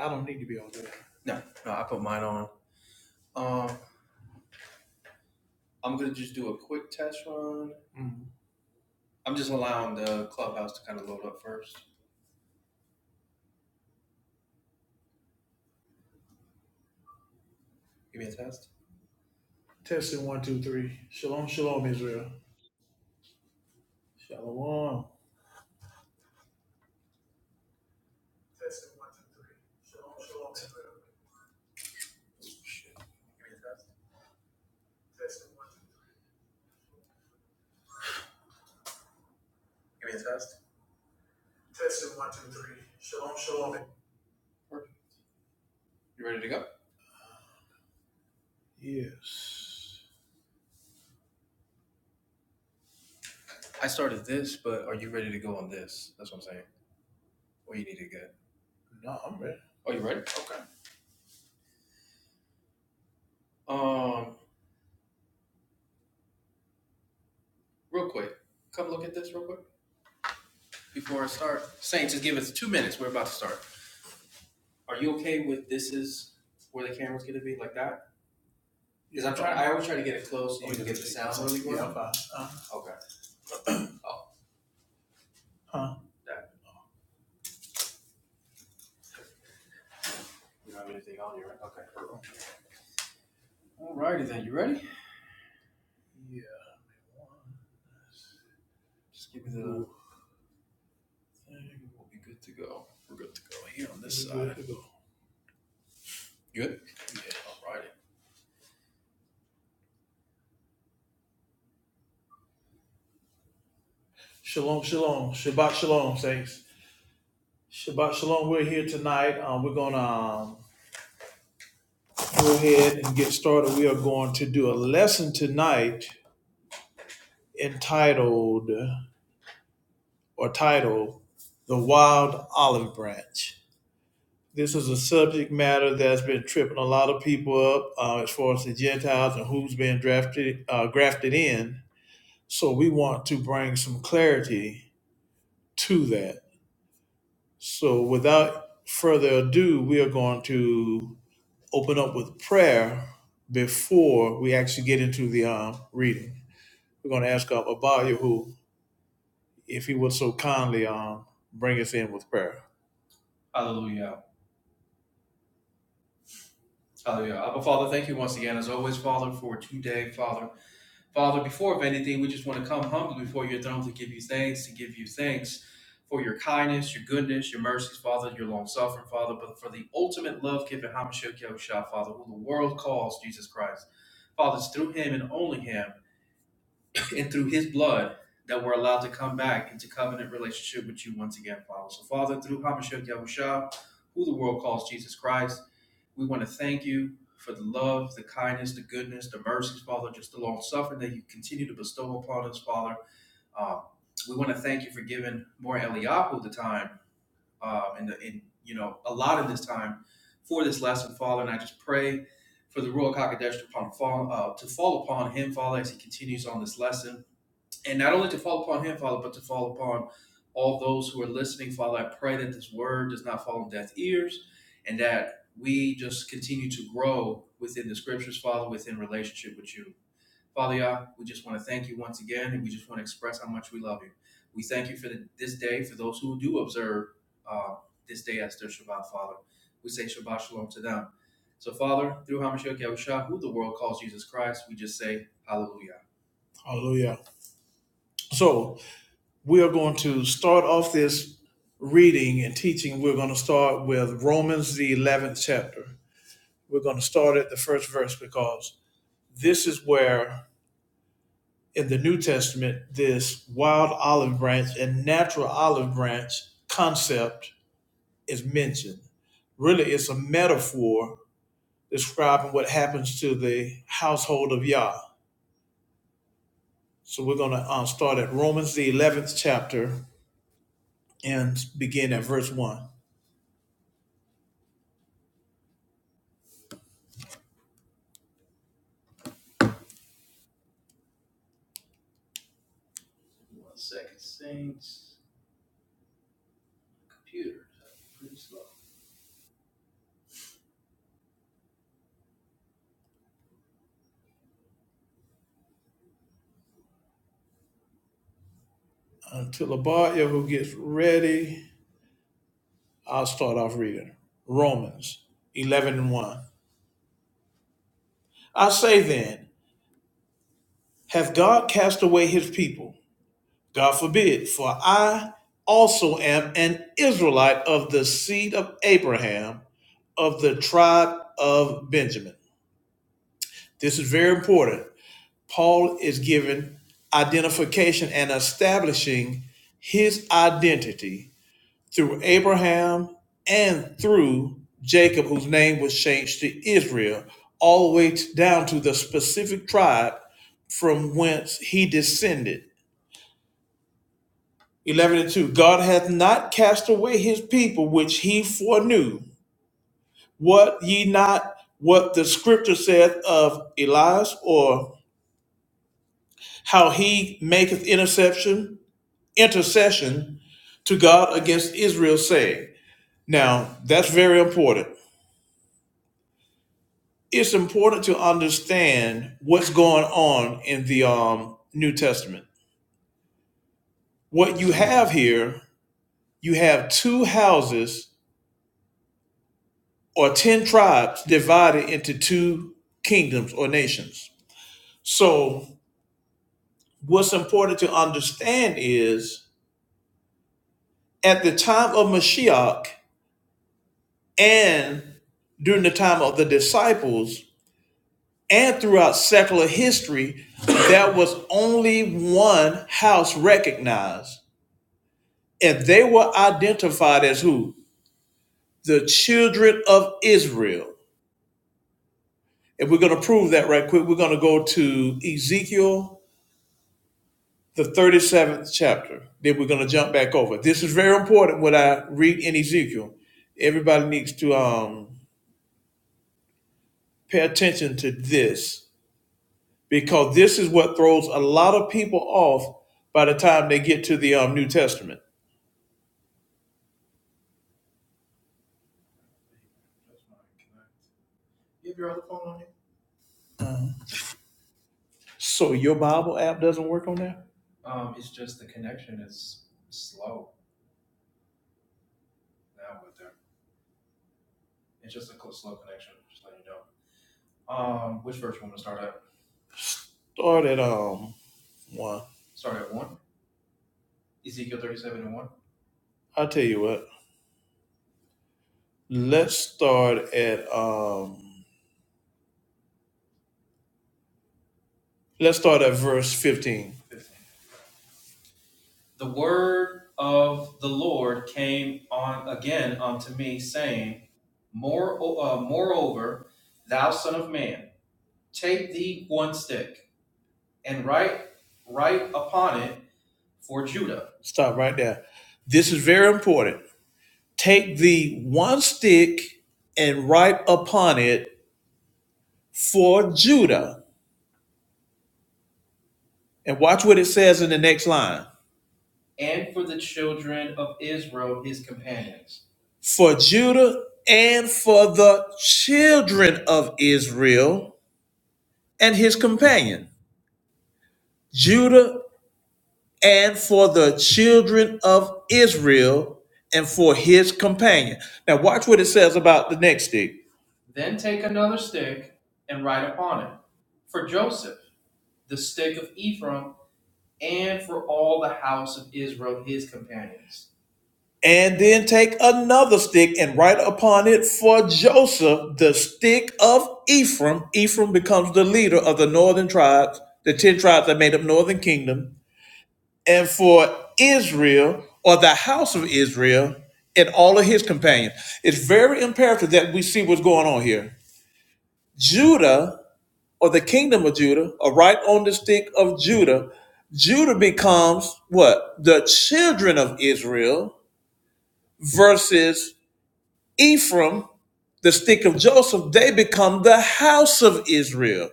I don't need to be on that. Mm. Testing one, two, three. Shalom, shalom, Israel. Shalom. Testing one, two, three. Shalom, shalom, Israel. Testing one, two, three. Testing one, two, three. Shalom, shalom. Yes. No, I'm ready. Oh, yeah, good. yeah, Uh, huh. Yeah. We're good to go. Shalom, shalom. Shabbat shalom, saints. Shabbat shalom. We're here tonight. Um, we're gonna um, go ahead and get started. We are going to do a lesson tonight entitled or titled The Wild Olive Branch. This is a subject matter that's been tripping a lot of people up uh, as far as the Gentiles and who's been drafted uh, grafted in. So we want to bring some clarity to that. So without further ado, we are going to open up with prayer before we actually get into the um, reading. We're going to ask of Abaya, who, if he would so kindly um, bring us in with prayer. Hallelujah. So we are going to start off this reading and teaching. We're going to start with Romans, the 11th chapter. We're going to start at the first verse because this is where in the New Testament, this wild olive branch and natural olive branch concept is mentioned. Really, it's a metaphor describing what happens to the household of Yah So we're going to uh, start at Romans, the 11th chapter, and begin at verse 1. Until Abaya, who gets ready, I'll start off reading. Romans 11 and 1. I say then, hath God cast away his people? God forbid, for I also am an Israelite of the seed of Abraham, of the tribe of Benjamin. This is very important. Paul is given identification and establishing his identity through Abraham and through Jacob, whose name was changed to Israel, all the way down to the specific tribe from whence he descended. 11 and 2 God hath not cast away his people which he foreknew. What ye not what the scripture saith of Elias, or how he maketh interception intercession to God against Israel, saying, Now, that's very important. It's important to understand what's going on in the um, New Testament. What you have here, you have two houses or 10 tribes divided into two kingdoms or nations. So, what's important to understand is at the time of Mashiach and during the time of the disciples, and throughout secular history, there was only one house recognized, and they were identified as who? The children of Israel. And we're going to prove that right quick. We're going to go to Ezekiel, the 37th chapter. Then we're going to jump back over. This is very important what I read in Ezekiel. Everybody needs to um, pay attention to this because this is what throws a lot of people off by the time they get to the um, New Testament So your Bible app doesn't work on that? Start at um one. I'll tell you what. Let's start at um let's start at verse 15. Stop right there. This is very important. Take the one stick and write upon it for Judah. And watch what it says in the next line. For Judah and for the children of Israel and his companion. Judah and for the children of Israel and for his companion. Now, watch what it says about the next stick. And then take another stick and write upon it for Joseph the stick of Ephraim. Ephraim becomes the leader of the northern tribes, the 10 tribes that made up northern kingdom, and for Israel or the house of Israel and all of his companions. It's very imperative that we see what's going on here. Judah or the kingdom of Judah, or right on the stick of Judah, Judah becomes what? The children of Israel versus Ephraim, the stick of Joseph, they become the house of Israel.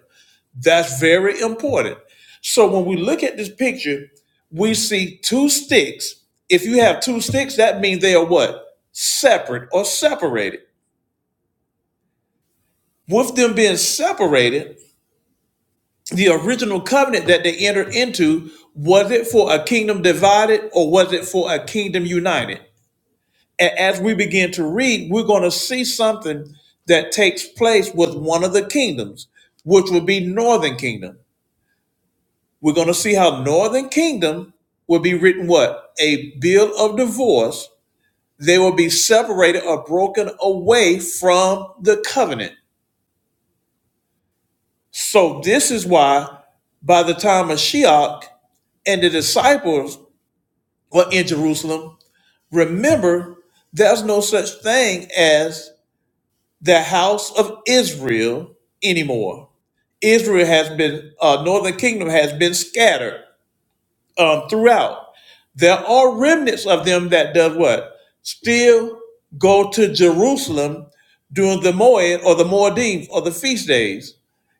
That's very important. So when we look at this picture, we see two sticks. If you have two sticks, that means they are what? Separate or separated. With them being separated, the original covenant that they entered into, was it for a kingdom divided or was it for a kingdom united? A- As we begin to read, we're going to see something that takes place with one of the kingdoms, which would be northern kingdom. We're going to see how northern kingdom will be written what? A bill of divorce. They will be separated or broken away from the covenant. So this is why by the time of Mashiach and the disciples or in Jerusalem. Remember, there's no such thing as the house of Israel anymore. Israel has been, uh, northern kingdom has been scattered um, throughout. There are remnants of them that does what? Still go to Jerusalem during the Moed or the Moedim or the feast days.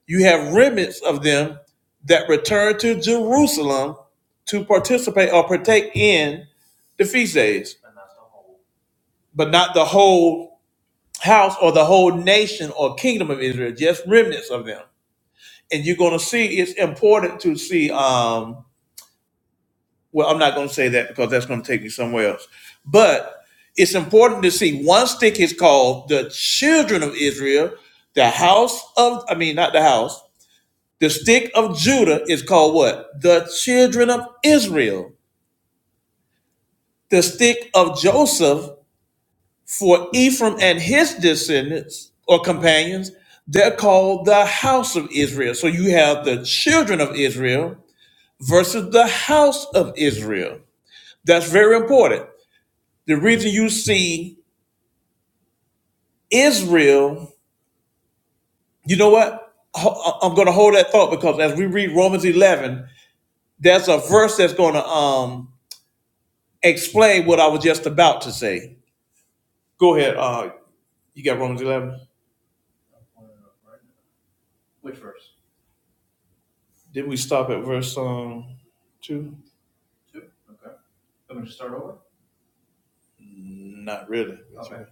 You have remnants of them that return to Jerusalem to participate or partake in the feast days, but not the whole house or the whole nation or kingdom of Israel, just remnants of them. And you're going to see it's important to see um, Well, I'm not going to say that because that's going to take me somewhere else. But it's important to see one stick is called the children of Israel, the house of, I mean, not the house, the stick of Judah is called what? The children of Israel. The stick of Joseph for Ephraim and his descendants or companions, they're called the house of Israel. So you have the children of Israel versus the house of Israel. That's very important. The reason you see Israel, you know what? I'm going to hold that thought because as we read Romans 11, there's a verse that's going to um, explain what I was just about to say. Go ahead. Uh, you got Romans 11. Did we stop at verse um, 2? Not really. Okay.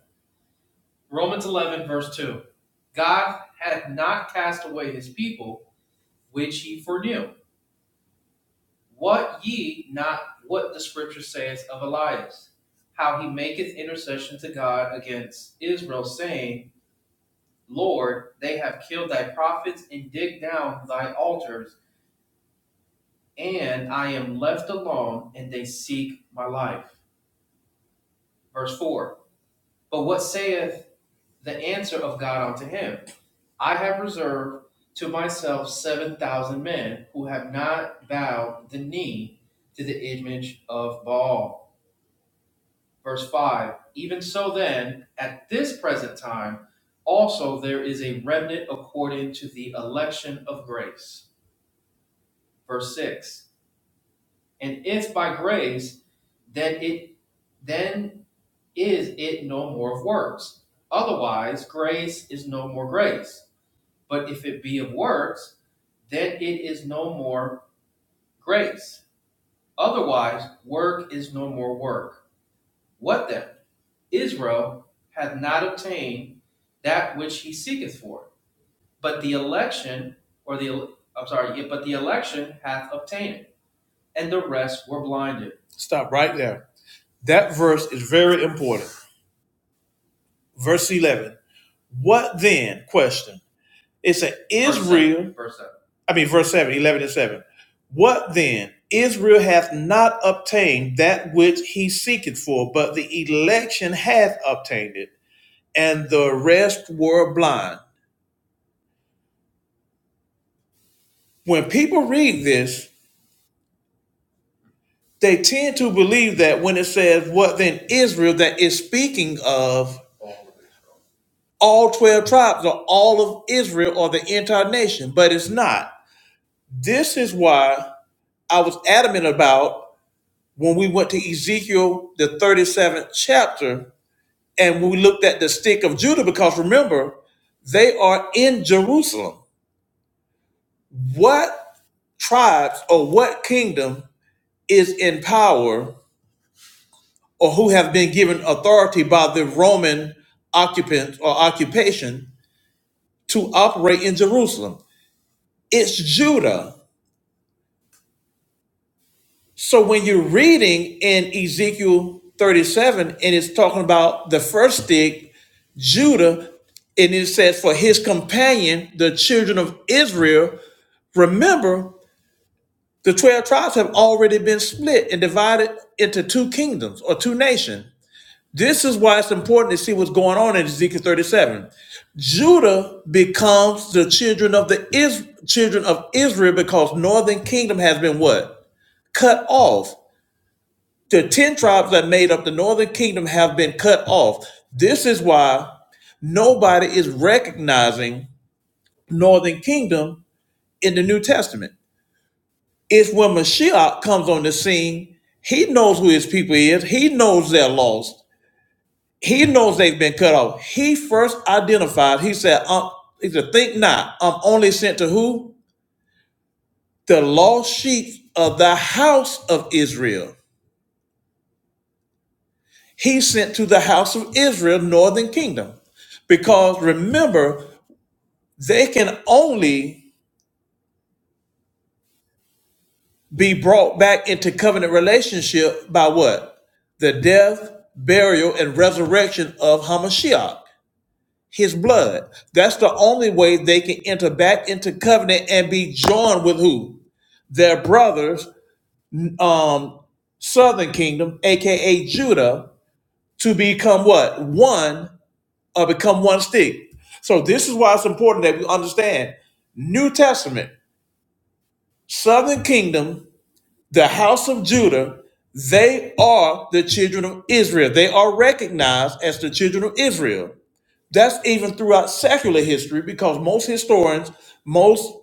Stop right there. That verse is very important. Verse 11. What then? Question. It said, Israel, I mean, verse 7, 11 and 7. What then? Israel hath not obtained that which he seeketh for, but the election hath obtained it, and the rest were blind. When people read this, they tend to believe that when it says, What then Israel, that is speaking of all 12 tribes or all of Israel or the entire nation, but it's not. This is why I was adamant about when we went to Ezekiel, the 37th chapter, and we looked at the stick of Judah, because remember, they are in Jerusalem. What tribes or what kingdom is in power or who have been given authority by the Roman occupant or occupation to operate in Jerusalem? It's Judah. So when you're reading in Ezekiel 37 and it's talking about the first stick, Judah, and it says, For his companion, the children of Israel, remember the 12 tribes have already been split and divided into two kingdoms or two nations. This is why it's important to see what's going on in Ezekiel 37. Judah becomes the children of the Is- children of Israel because northern kingdom has been what? Cut off. The 10 tribes that made up the northern kingdom have been cut off. This is why nobody is recognizing northern kingdom in the New Testament. It's when Mashiach comes on the scene, he knows who his people is. He knows they're lost. He knows they've been cut off. He first identified, he said, um, he said, think not, I'm only sent to who? The lost sheep of the house of Israel. he sent to the house of Israel, northern kingdom. Because remember, they can only be brought back into covenant relationship by what? The death, burial, and resurrection of Hamashiach, his blood. That's the only way they can enter back into covenant and be joined with who? Their brothers, um, southern kingdom, aka Judah, to become what? One uh, become one stick. So this is why it's important that we understand New Testament, Southern Kingdom, the house of Judah, they are the children of Israel. They are recognized as the children of Israel. That's even throughout secular history because most historians, most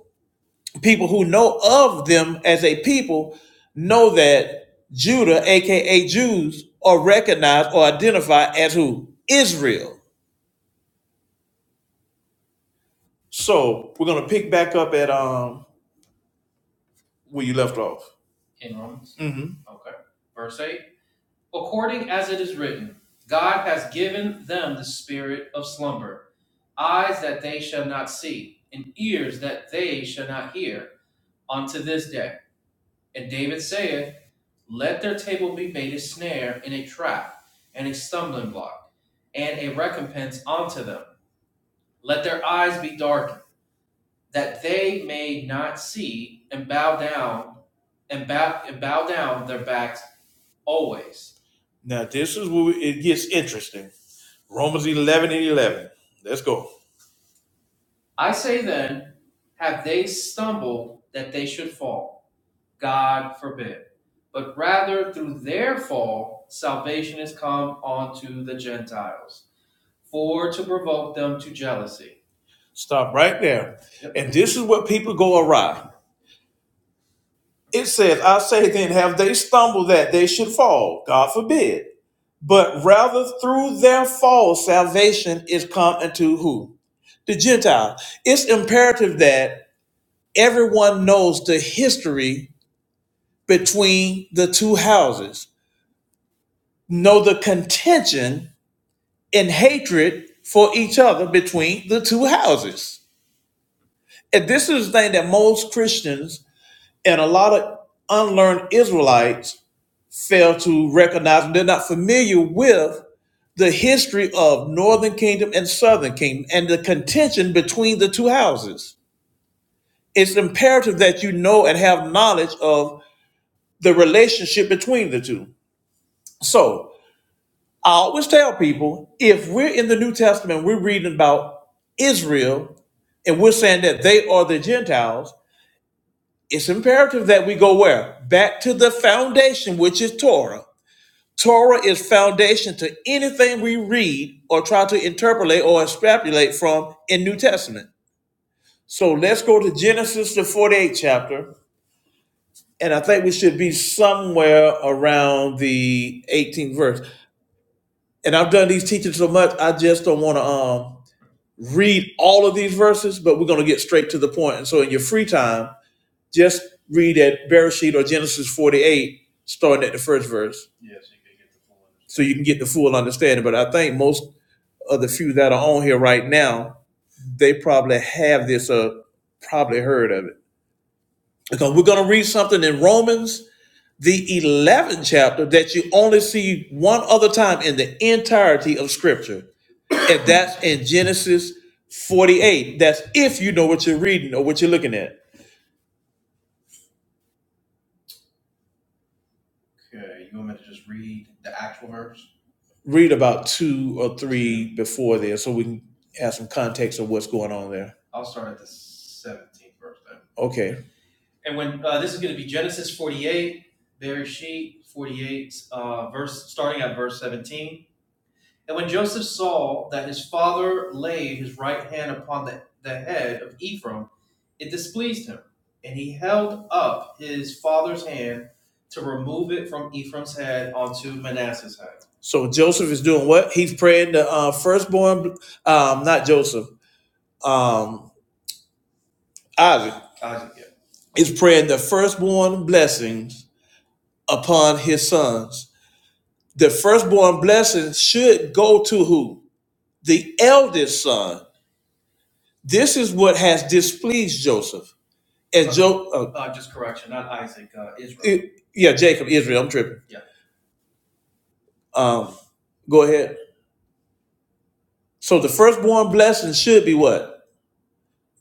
people who know of them as a people know that Judah, aka Jews, are recognized or identified as who? Israel. So we're gonna pick back up at um where you left off. hmm Now, this is where it gets interesting. Romans 11 and 11. Let's go. Stop right there. Yep. And this is what people go awry. It says, I say then, have they stumbled that they should fall? God forbid. But rather through their fall, salvation is come unto who? The Gentile. It's imperative that everyone knows the history between the two houses, know the contention and hatred for each other between the two houses. And this is the thing that most Christians and a lot of unlearned Israelites fail to recognize. They're not familiar with the history of Northern Kingdom and Southern Kingdom and the contention between the two houses. It's imperative that you know and have knowledge of the relationship between the two. So, I always tell people if we're in the New Testament, we're reading about Israel and we're saying that they are the Gentiles, it's imperative that we go where? Back to the foundation, which is Torah. Torah is foundation to anything we read or try to interpolate or extrapolate from in New Testament. So let's go to Genesis the 48th chapter, and I think we should be somewhere around the 18th verse. And I've done these teachings so much, I just don't want to um read all of these verses, but we're going to get straight to the point. And so in your free time, just read at Bereshit or Genesis 48, starting at the first verse, so you can get the full understanding. But I think most of the few that are on here right now, they probably have this or probably heard of it. Because we're going to read something in Romans, the 11th chapter, that you only see one other time in the entirety of Scripture. And that's in Genesis 48. That's if you know what you're reading or what you're looking at. Read about two or three before there so we can have some context of what's going on there. Okay. So Joseph is doing what? He's praying the uh, firstborn, um, not Joseph, um, Isaac is praying the firstborn blessings upon his sons. The firstborn blessings should go to who? The eldest son. This is what has displeased Joseph as Job, uh, I- yeah, Jacob, Israel, I'm tripping. Um, go ahead. So the firstborn blessing should be what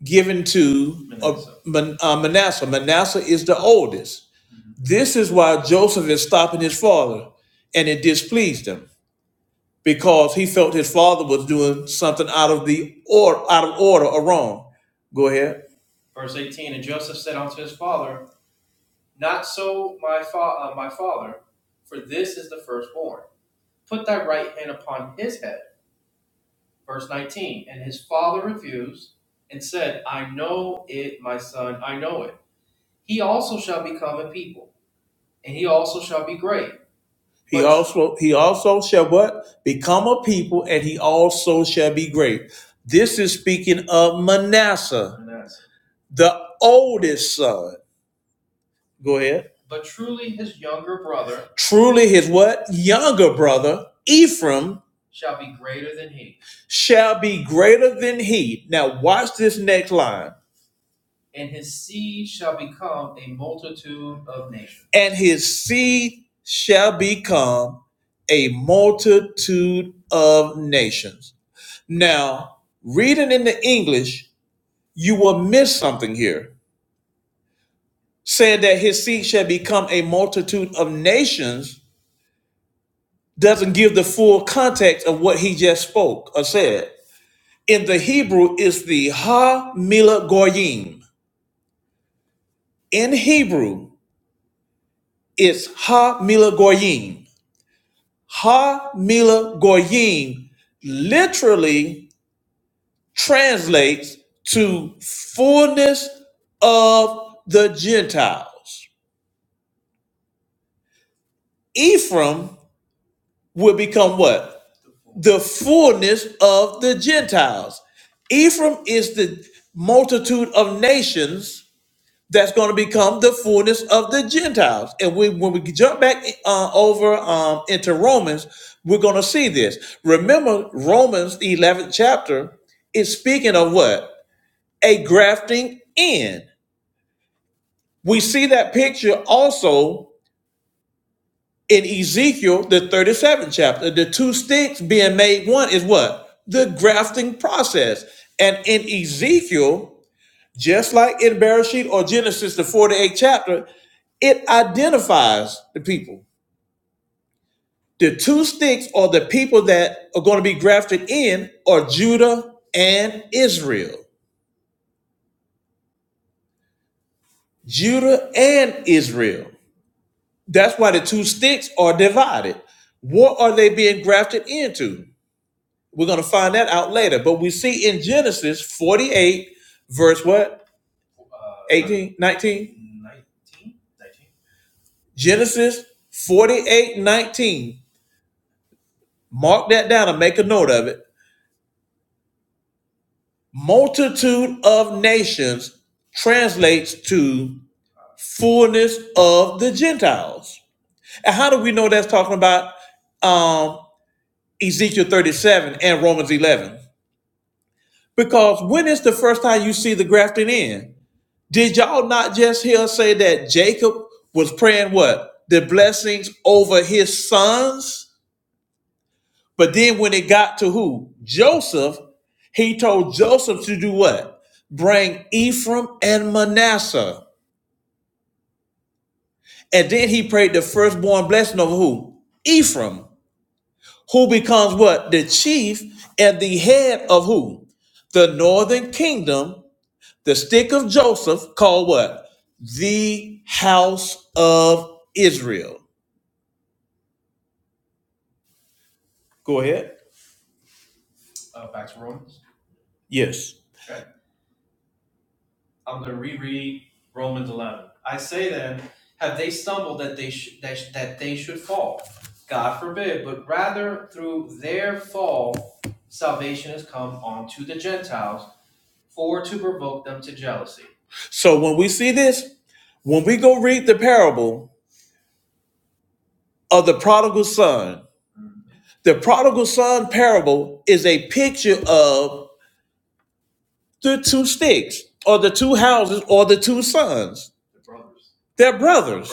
given to uh, Manasseh. Man, uh, Manasseh. Manasseh is the oldest. This is why Joseph is stopping his father, and it displeased him because he felt his father was doing something out of the or out of order or wrong. Go ahead. He also he also shall what? Become a people, and he also shall be great. This is speaking of Manasseh, the oldest son. Go ahead. Truly his what? Younger brother, Ephraim, shall be greater than he. Now watch this next line. And his seed shall become a multitude of nations. Now, reading in the English, you will miss something here saying that his seed shall become a multitude of nations doesn't give the full context of what he just spoke or said. In the Hebrew, it's the Ha Mila Goyim. In Hebrew, it's Ha Mila Goyim. Ha Mila Goyim literally translates to fullness of the Gentiles. Ephraim will become what? the fullness of the Gentiles. Ephraim is the multitude of nations that's going to become the fullness of the Gentiles. And we, when we jump back uh, over um, into Romans, we're going to see this. Remember, Romans, the 11th chapter, is speaking of what? A grafting in. We see that picture also in Ezekiel, the 37th chapter, the two sticks being made one is what? The grafting process. And in Ezekiel, just like in Bereshit or Genesis, the 48th chapter, it identifies the people. The two sticks are the people that are going to be grafted in are Judah and Israel. Judah and Israel. That's why the two sticks are divided. What are they being grafted into? We're going to find that out later. But we see in Genesis 48, verse what? eighteen, nineteen. 19? Genesis 48, 19. Mark that down and make a note of it. Multitude of nations translates to fullness of the Gentiles. And how do we know that's talking about um, Ezekiel 37 and Romans 11? Because when is the first time you see the grafting in? Did y'all not just hear us say that Jacob was praying what? The blessings over his sons? But then when it got to who? Joseph, he told Joseph to do what? Bring Ephraim and Manasseh. And then he prayed the firstborn blessing of who? Ephraim, who becomes what? The chief and the head of who? The northern kingdom The stick of Joseph called what? The house of Israel. Go ahead. Yes. So when we see this, when we go read the parable of the prodigal son, the prodigal son parable is a picture of the two sticks or the two houses or the two sons. They're Well, brothers.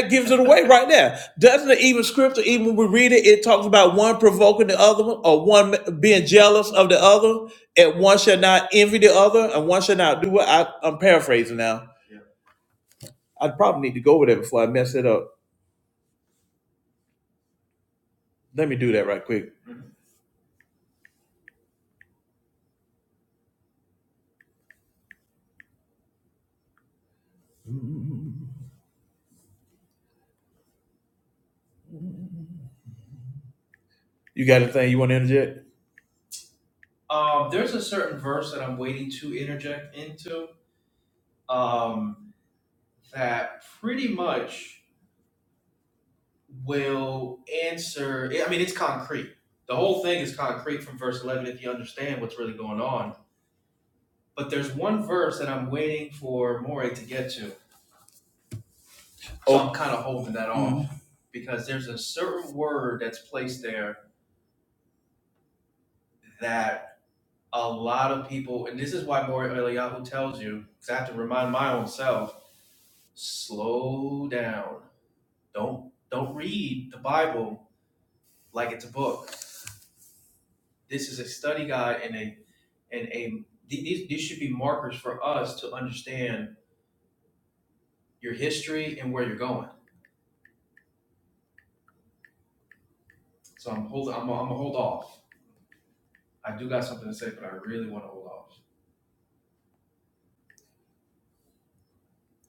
That gives it away right there. Doesn't it even scripture, even when we read it, it talks about one provoking the other one or one being jealous of the other, and one shall not envy the other, and one shall not do what I, I'm paraphrasing now. I probably need to go over that before I mess it up. Let me do that right quick. You got anything you want to interject? so Oh,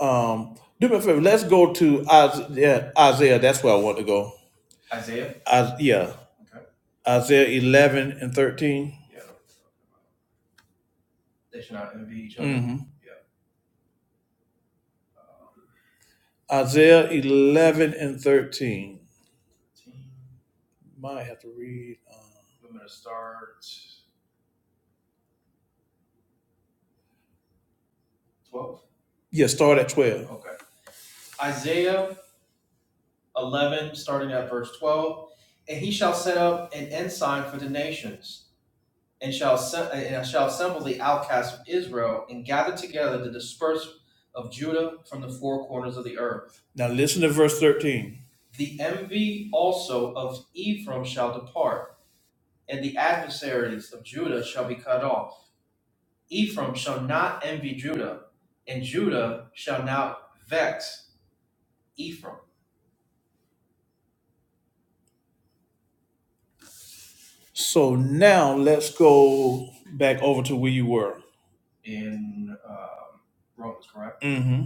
um, do me a favor. Let's go to Isaiah. Isaiah that's where I want to go. Is- yeah, Isaiah 11 and 13. hmm Isaiah 11 and 13. Might have to read. Uh, yeah, start at 12. Now listen to verse 13. So now let's go back over to where you were. hmm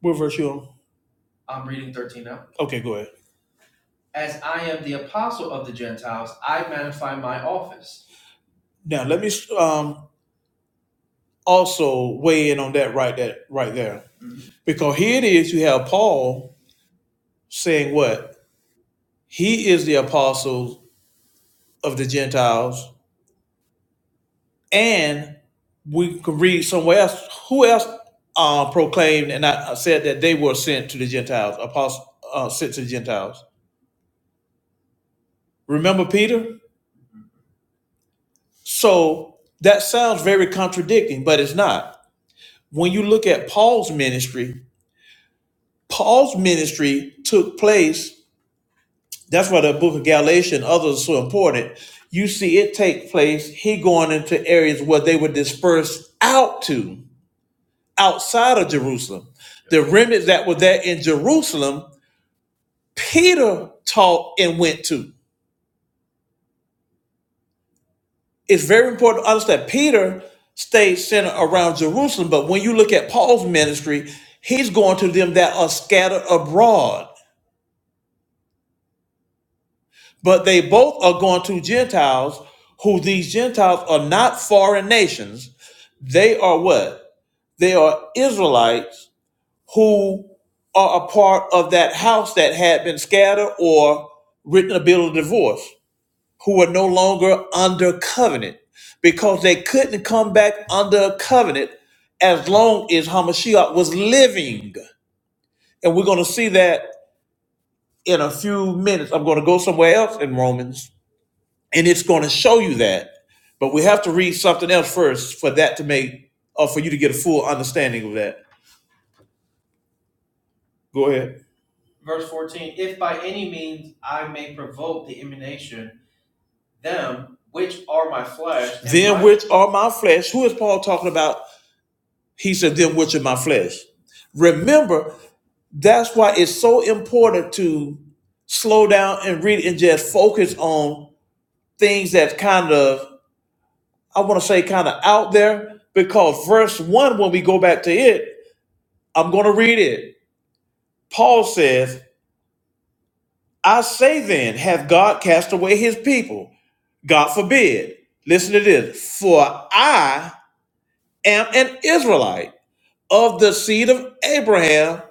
Where verse you on? Okay, go ahead. Now let me um, also weigh in on that right that right there. Because here it is, you have Paul saying what? He is the apostle of the Gentiles And we can read somewhere else. Who else uh, proclaimed and I uh, said that they were sent to the Gentiles, apostles uh, sent to the Gentiles? Remember Peter? So that sounds very contradicting, but it's not. When you look at Paul's ministry, Paul's ministry took place. That's why the book of Galatians, others are so important. You see it take place, he going into areas where they were dispersed out to. outside of Jerusalem. The remnant that were there in Jerusalem, Peter taught and went to. It's very important to understand Peter stayed centered around Jerusalem, but when you look at Paul's ministry, he's going to them that are scattered abroad. But they both are going to Gentiles, who these Gentiles are not foreign nations. They are what? They are Israelites who are a part of that house that had been scattered or written a bill of divorce, who were no longer under covenant because they couldn't come back under a covenant as long as Hamashiach was living. And we're going to see that in a few minutes. I'm going to go somewhere else in Romans and it's going to show you that. But we have to read something else first for that to make, or for you to get a full understanding of that. Go ahead. Then which are my flesh. Who is Paul talking about? He said, Them which are my flesh. Remember, that's why it's so important to slow down and read and just focus on things that's kind of, I want to say, kind of out there. Because verse one, when we go back to it, I'm going to read it. Paul says, I say then, have God cast away his people? God forbid. Listen to this. For I am an Israelite of the seed of Abraham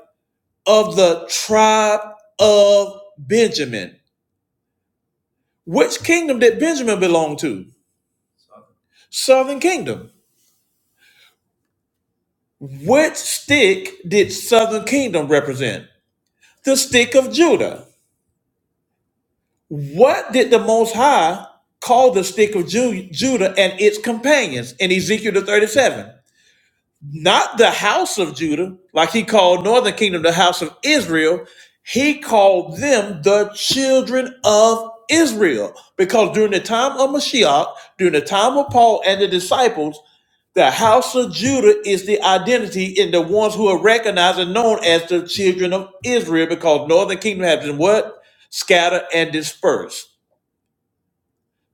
of the tribe of Benjamin. Which kingdom did Benjamin belong to? Southern kingdom. Which stick did southern kingdom represent? The stick of Judah. What did the Most High call the stick of Ju- Judah and its companions in Ezekiel the 37? not the house of Judah, like he called northern kingdom the house of Israel. He called them the children of Israel because during the time of Mashiach, during the time of Paul and the disciples, the house of Judah is the identity in the ones who are recognized and known as the children of Israel because northern kingdom has been what? Scattered and dispersed.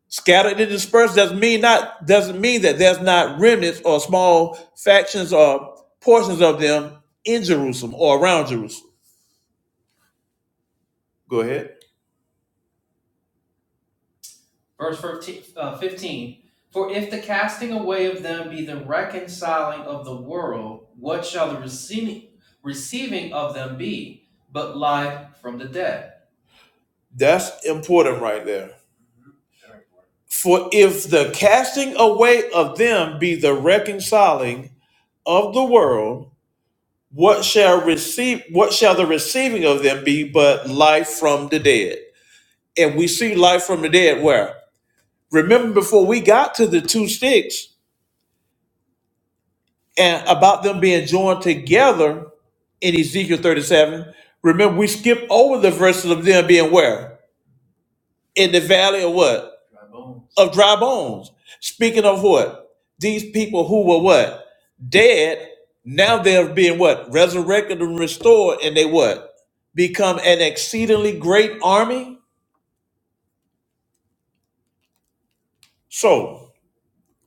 Scattered and dispersed doesn't mean not doesn't mean that there's not remnants or small factions or portions of them in Jerusalem or around Jerusalem. Go ahead. That's important right there. For if the casting away of them be the reconciling of the world, what shall receive what shall the receiving of them be but life from the dead? And we see life from the dead where? Remember before we got to the two sticks, and about them being joined together in Ezekiel 37. Remember, we skip over the verses of them being where? In the valley of what? Of dry bones. Speaking of what? These people who were what? Dead. Now they're being what? Resurrected and restored, and they what? Become an exceedingly great army. So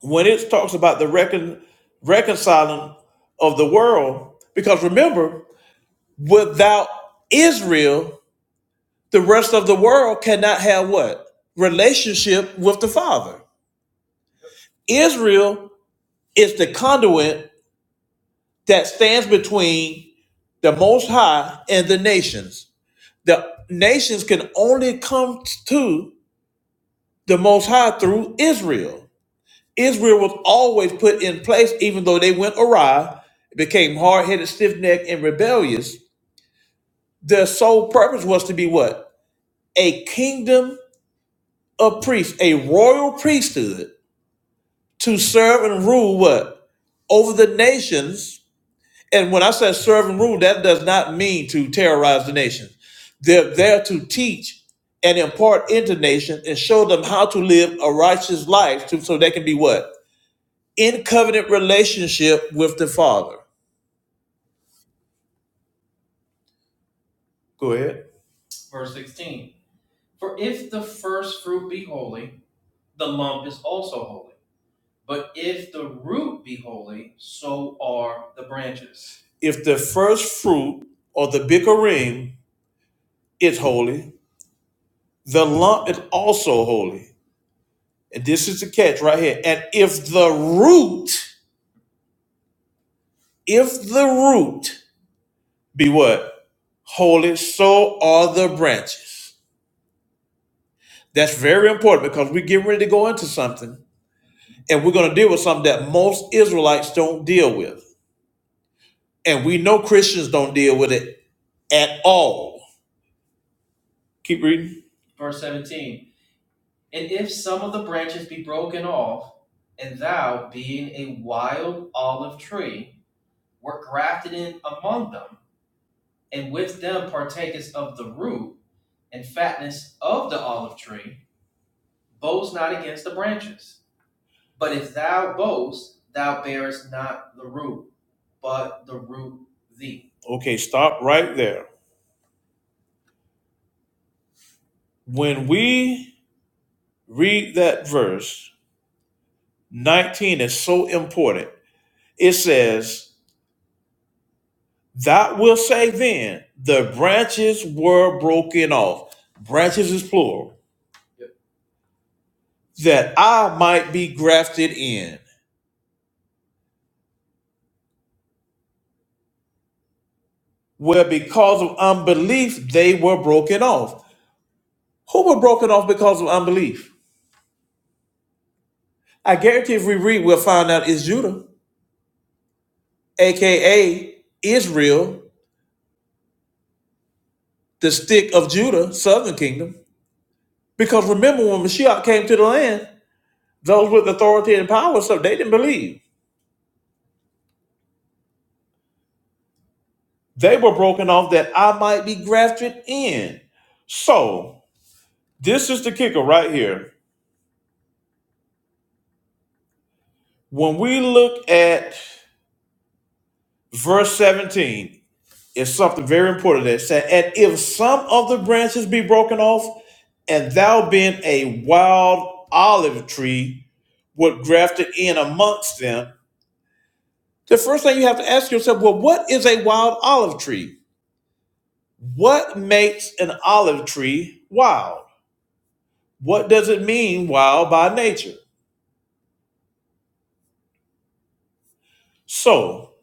when it talks about the recon- reconciling of the world, because remember, without Israel, The rest of the world cannot have what? Relationship with the Father. Israel is the conduit that stands between the Most High and the nations. The nations can only come to the Most High through Israel. Israel was always put in place, even though they went awry, became hard headed, stiff necked, and rebellious. Their sole purpose was to be what? A kingdom of priests, a royal priesthood to serve and rule what? Over the nations. And when I say serve and rule, that does not mean to terrorize the nations. They're there to teach and impart into nations and show them how to live a righteous life to, so they can be what? In covenant relationship with the Father. Go ahead. If the first fruit or the bikurim is holy, the lump is also holy. And this is the catch right here. And if the root, if the root Be what? Holy. So are the branches. That's very important because we're getting ready to go into something and we're going to deal with something that most Israelites don't deal with. And we know Christians don't deal with it at all. Keep reading. Okay, stop right there. When we read that verse, 19 is so important. It says, That will say then, the branches were broken off. Branches is plural that I might be grafted in, where because of unbelief they were broken off. Who were broken off because of unbelief? I guarantee if we read, we'll find out it's Judah, aka Israel, the stick of Judah, southern kingdom. Because remember when Mashiach came to the land, those with authority and power, and stuff, they didn't believe. They were broken off that I might be grafted in. So this is the kicker right here. When we look at verse 17 is something very important that said, And if some of the branches be broken off, and thou being a wild olive tree, would graft it in amongst them. The first thing you have to ask yourself, well, what is a wild olive tree? What makes an olive tree wild? What does it mean wild by nature? So,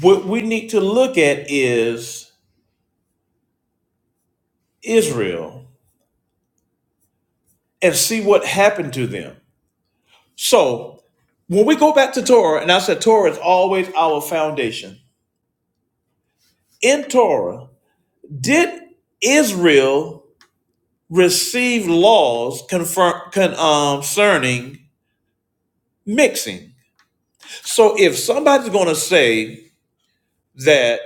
what we need to look at is Israel and see what happened to them So when we go back to Torah, and I said Torah is always our foundation. In Torah, did Israel receive laws confirm, con, um, concerning mixing? So if somebody's going to say that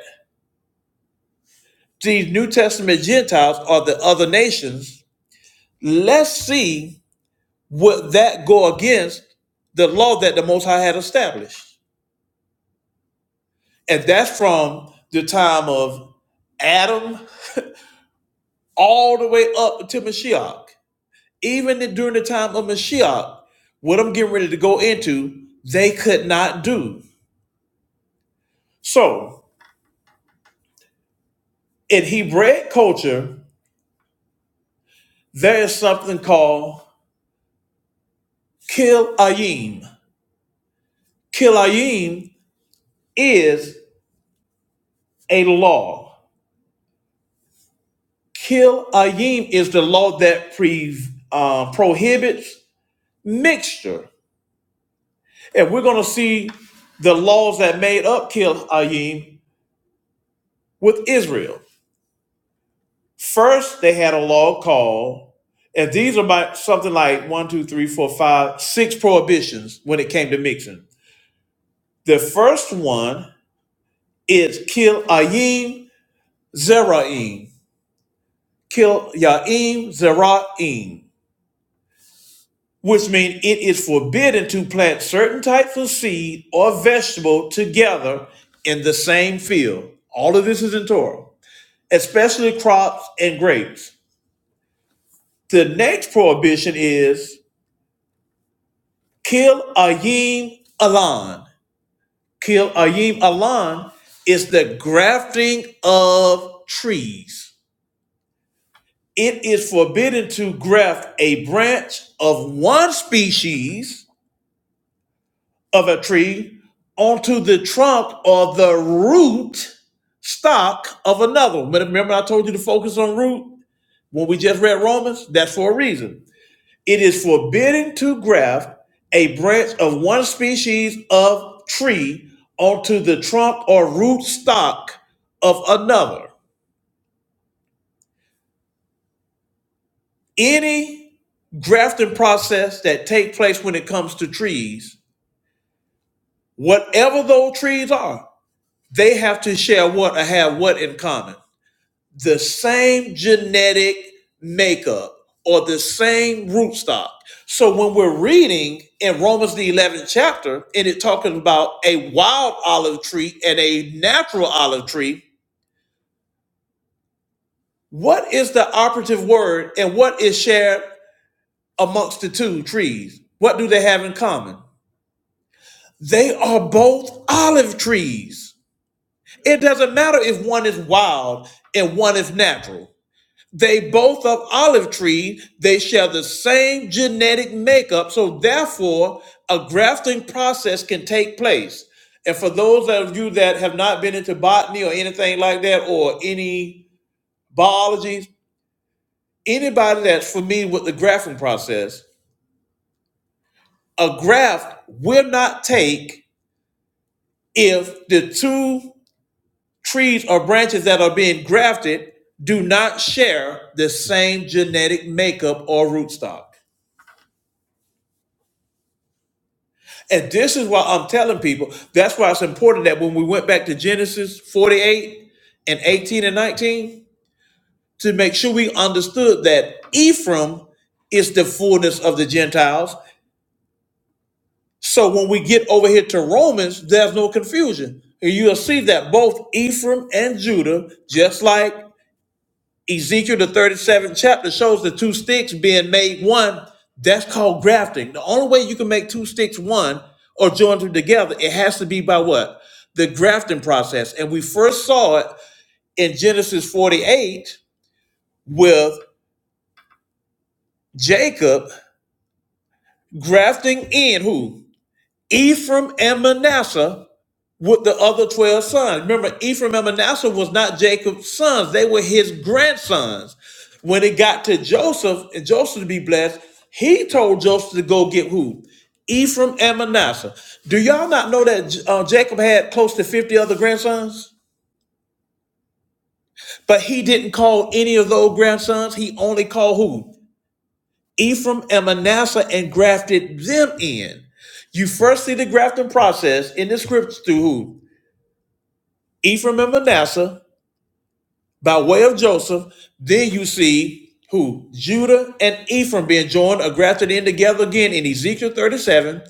these New Testament Gentiles are the other nations, let's see would that go against the law that the Most High had established, and that's from the time of Adam all the way up to Mashiach. Even during the time of Mashiach, what I'm getting ready to go into, they could not do. So in Hebraic culture, there is something called kilayim. Kilayim is a law. Kilayim is the law that pre, uh, prohibits mixture. And we're going to see the laws that made up Kilayim with Israel. First, they had a law called, and these are about something like one, two, three, four, five, six prohibitions when it came to mixing. The first one is kill ayim zeraim, kill yaim zeraim, which means it is forbidden to plant certain types of seed or vegetable together in the same field. All of this is in Torah, especially crops and grapes. The next prohibition is Kil Ayim Alan. Kil Ayim Alan is the grafting of trees. It is forbidden to graft a branch of one species of a tree onto the trunk or the root stock of another. Remember, I told you to focus on root when we just read Romans? That's for a reason. It is forbidden to graft a branch of one species of tree onto the trunk or root stock of another. Any grafting process that takes place when it comes to trees, whatever those trees are, they have to share what or have what in common. the same genetic makeup or the same rootstock. So when we're reading in Romans the 11th chapter and it talking about a wild olive tree and a natural olive tree, what is the operative word and what is shared amongst the two trees? What do they have in common? They are both olive trees. It doesn't matter if one is wild and one is natural. They both of olive tree, they share the same genetic makeup, so therefore a grafting process can take place. And for those of you that have not been into botany or anything like that, or any biology, anybody that's familiar with the grafting process, a graft will not take if the two trees or branches that are being grafted do not share the same genetic makeup or rootstock. And this is why I'm telling people that's why it's important that when we went back to Genesis 48 and 18 and 19, to make sure we understood that Ephraim is the fullness of the Gentiles. So when we get over here to Romans, there's no confusion. And You'll see that both Ephraim and Judah, just like Ezekiel, the 37th chapter, shows the two sticks being made one. That's called grafting. The only way you can make two sticks one or join them together, it has to be by what? The grafting process. And we first saw it in Genesis 48 with Jacob grafting in who? Ephraim and Manasseh with the other 12 sons. Remember, Ephraim and Manasseh was not Jacob's sons, they were his grandsons. When it got to Joseph and Joseph to be blessed, he told Joseph to go get who? Ephraim and Manasseh. Do y'all not know that uh, Jacob had close to 50 other grandsons? But he didn't call any of those grandsons. He only called who? Ephraim and Manasseh and grafted them in. You first see the grafting process in the scriptures through who? Ephraim and Manasseh, by way of Joseph. Then you see who? Judah and Ephraim being joined or grafted in together again in Ezekiel 37,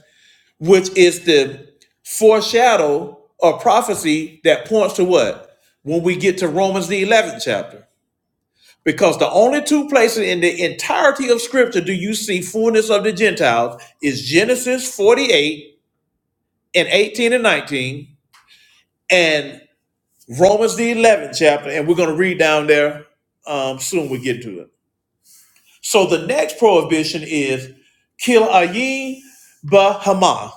which is the foreshadow or prophecy that points to what? When we get to Romans, the 11th chapter. Because the only two places in the entirety of Scripture do you see fullness of the Gentiles is Genesis 48 and 18 and 19 and Romans, the 11th chapter. And we're going to read down there um, soon. We get to it. So the next prohibition is kill ayin bahama.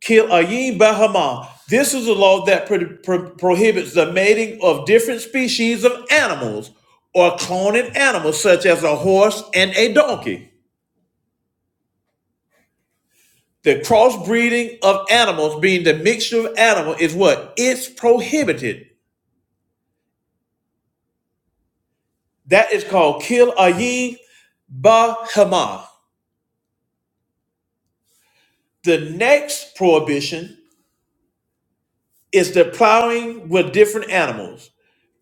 Kill ayin bahama. This is a law that pro- pro- prohibits the mating of different species of animals or cloning animals such as a horse and a donkey. The crossbreeding of animals being the mixture of animal is what? It's prohibited. That is called kill ayin bahama. The next prohibition is the plowing with different animals.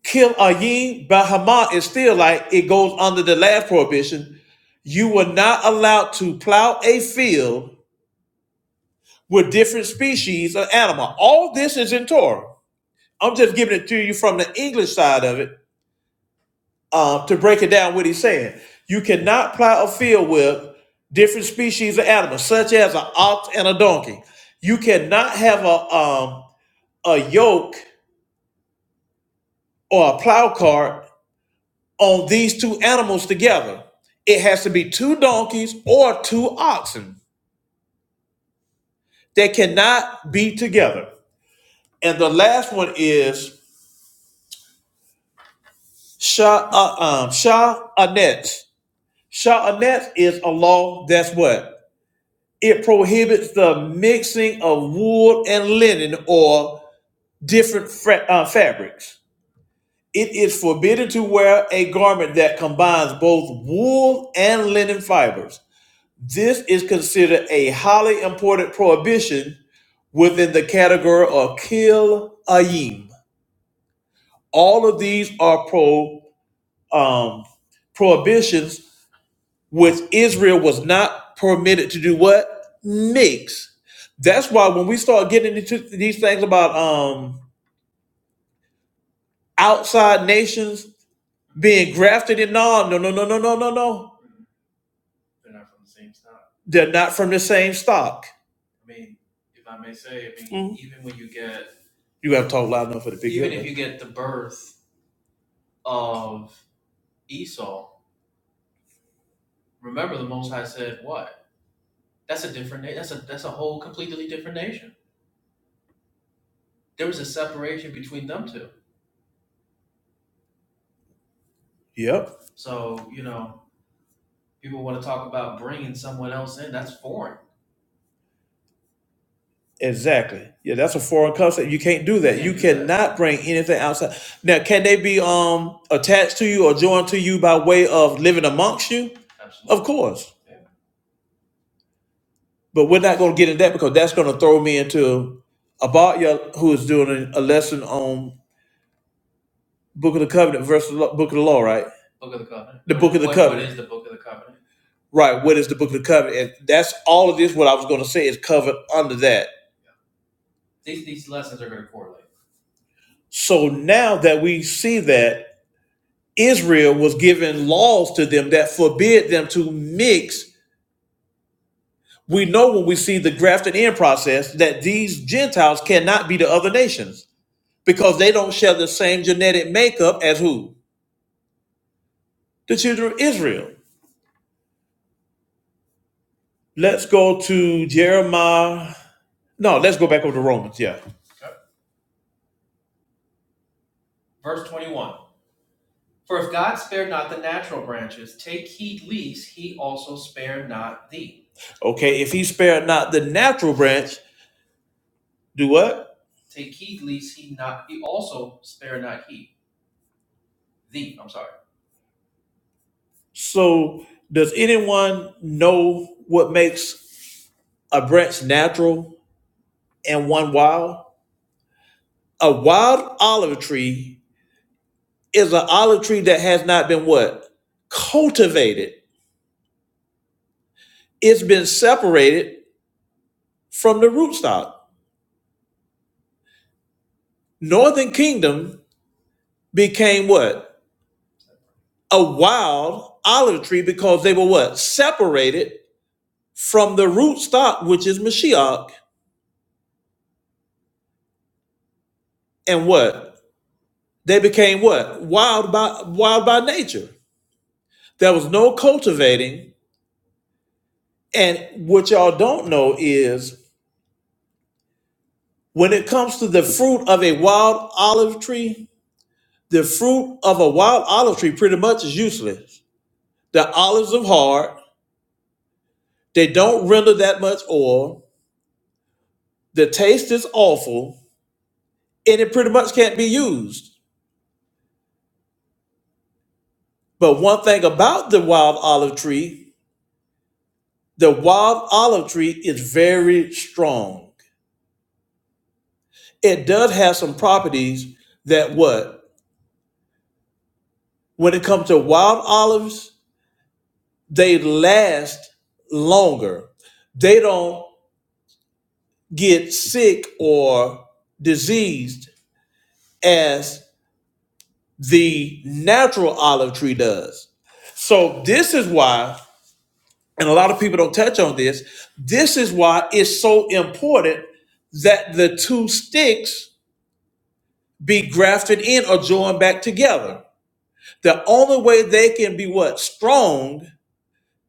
Kim Ayin Bahama is still like it goes under the last prohibition. You were not allowed to plow a field with different species of animal. All this is in Torah. I'm just giving it to you from the English side of it um, to break it down what he's saying. You cannot plow a field with different species of animals, such as an ox and a donkey. You cannot have a um, a yoke or a plow cart on these two animals together. It has to be two donkeys or two oxen. They cannot be together. And the last one is Shah uh, um, Shah is a law that's what it prohibits the mixing of wool and linen or different fra- uh, fabrics. It is forbidden to wear a garment that combines both wool and linen fibers This is considered a highly important prohibition within the category of kill ayim. All of these are pro um, prohibitions which Israel was not permitted to do what mix. That's why when we start getting into these things about um, outside nations being grafted in, no, no, no, no, no, no, no, no, they're not from the same stock. Mhm. You got to talk loud enough for the big Yep. Exactly. Yeah, that's a foreign concept. You can't do that. You cannot bring anything outside. Now, can they be um attached to you or joined to you by way of living amongst you? Absolutely, Of course. But we're not going to get into that because that's going to throw me into Abatya, who is doing a lesson on Book of the Covenant versus Book of the Law, right? The Book of the Covenant. What Right. What is the book of the covenant? And that's all of this, what I was going to say, is covered under that. So now that we see that Israel was given laws to them that forbid them to mix, we know when we see the grafted in process that these Gentiles cannot be the other nations because they don't share the same genetic makeup as who? The children of Israel. Let's go to Jeremiah. No, let's go back over to Romans. Yeah. Okay. If he spared not the natural branch, do what? So, does anyone know what makes a branch natural and one wild? A wild olive tree is an olive tree that has not been what? Cultivated. It's been separated from the rootstock. Northern Kingdom became what? A wild olive tree because they were what? Separated from the rootstock, which is Mashiach, and what? They became what? Wild by wild by nature. There was no cultivating. And what y'all don't know is when it comes to the fruit of a wild olive tree, the fruit of a wild olive tree pretty much is useless. The olives are hard, they don't render that much oil, the taste is awful, and it pretty much can't be used. But one thing about the wild olive tree, the wild olive tree is very strong. It does have some properties that what? When it comes to wild olives, they last longer. They don't get sick or diseased as the natural olive tree does. So, this is why, and a lot of people don't touch on this, this is why it's so important that the two sticks be grafted in or joined back together. The only way they can be what? Strong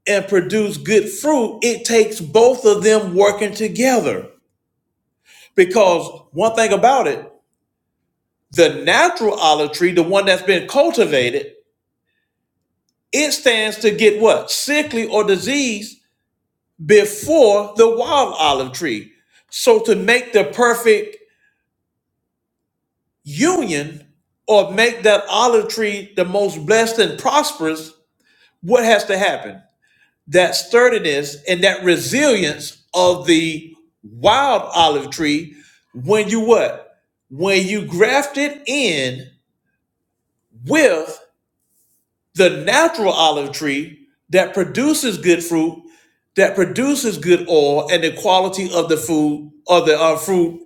and produce good fruit, it takes both of them working together. Because one thing about it, the natural olive tree, the one that's been cultivated, it stands to get what? Sickly or disease before the wild olive tree. So to make the perfect union or make that olive tree the most blessed and prosperous, what has to happen? That sturdiness and that resilience of the wild olive tree when you what? When you graft it in with The natural olive tree that produces good fruit, that produces good oil, and the quality of the food or the uh, fruit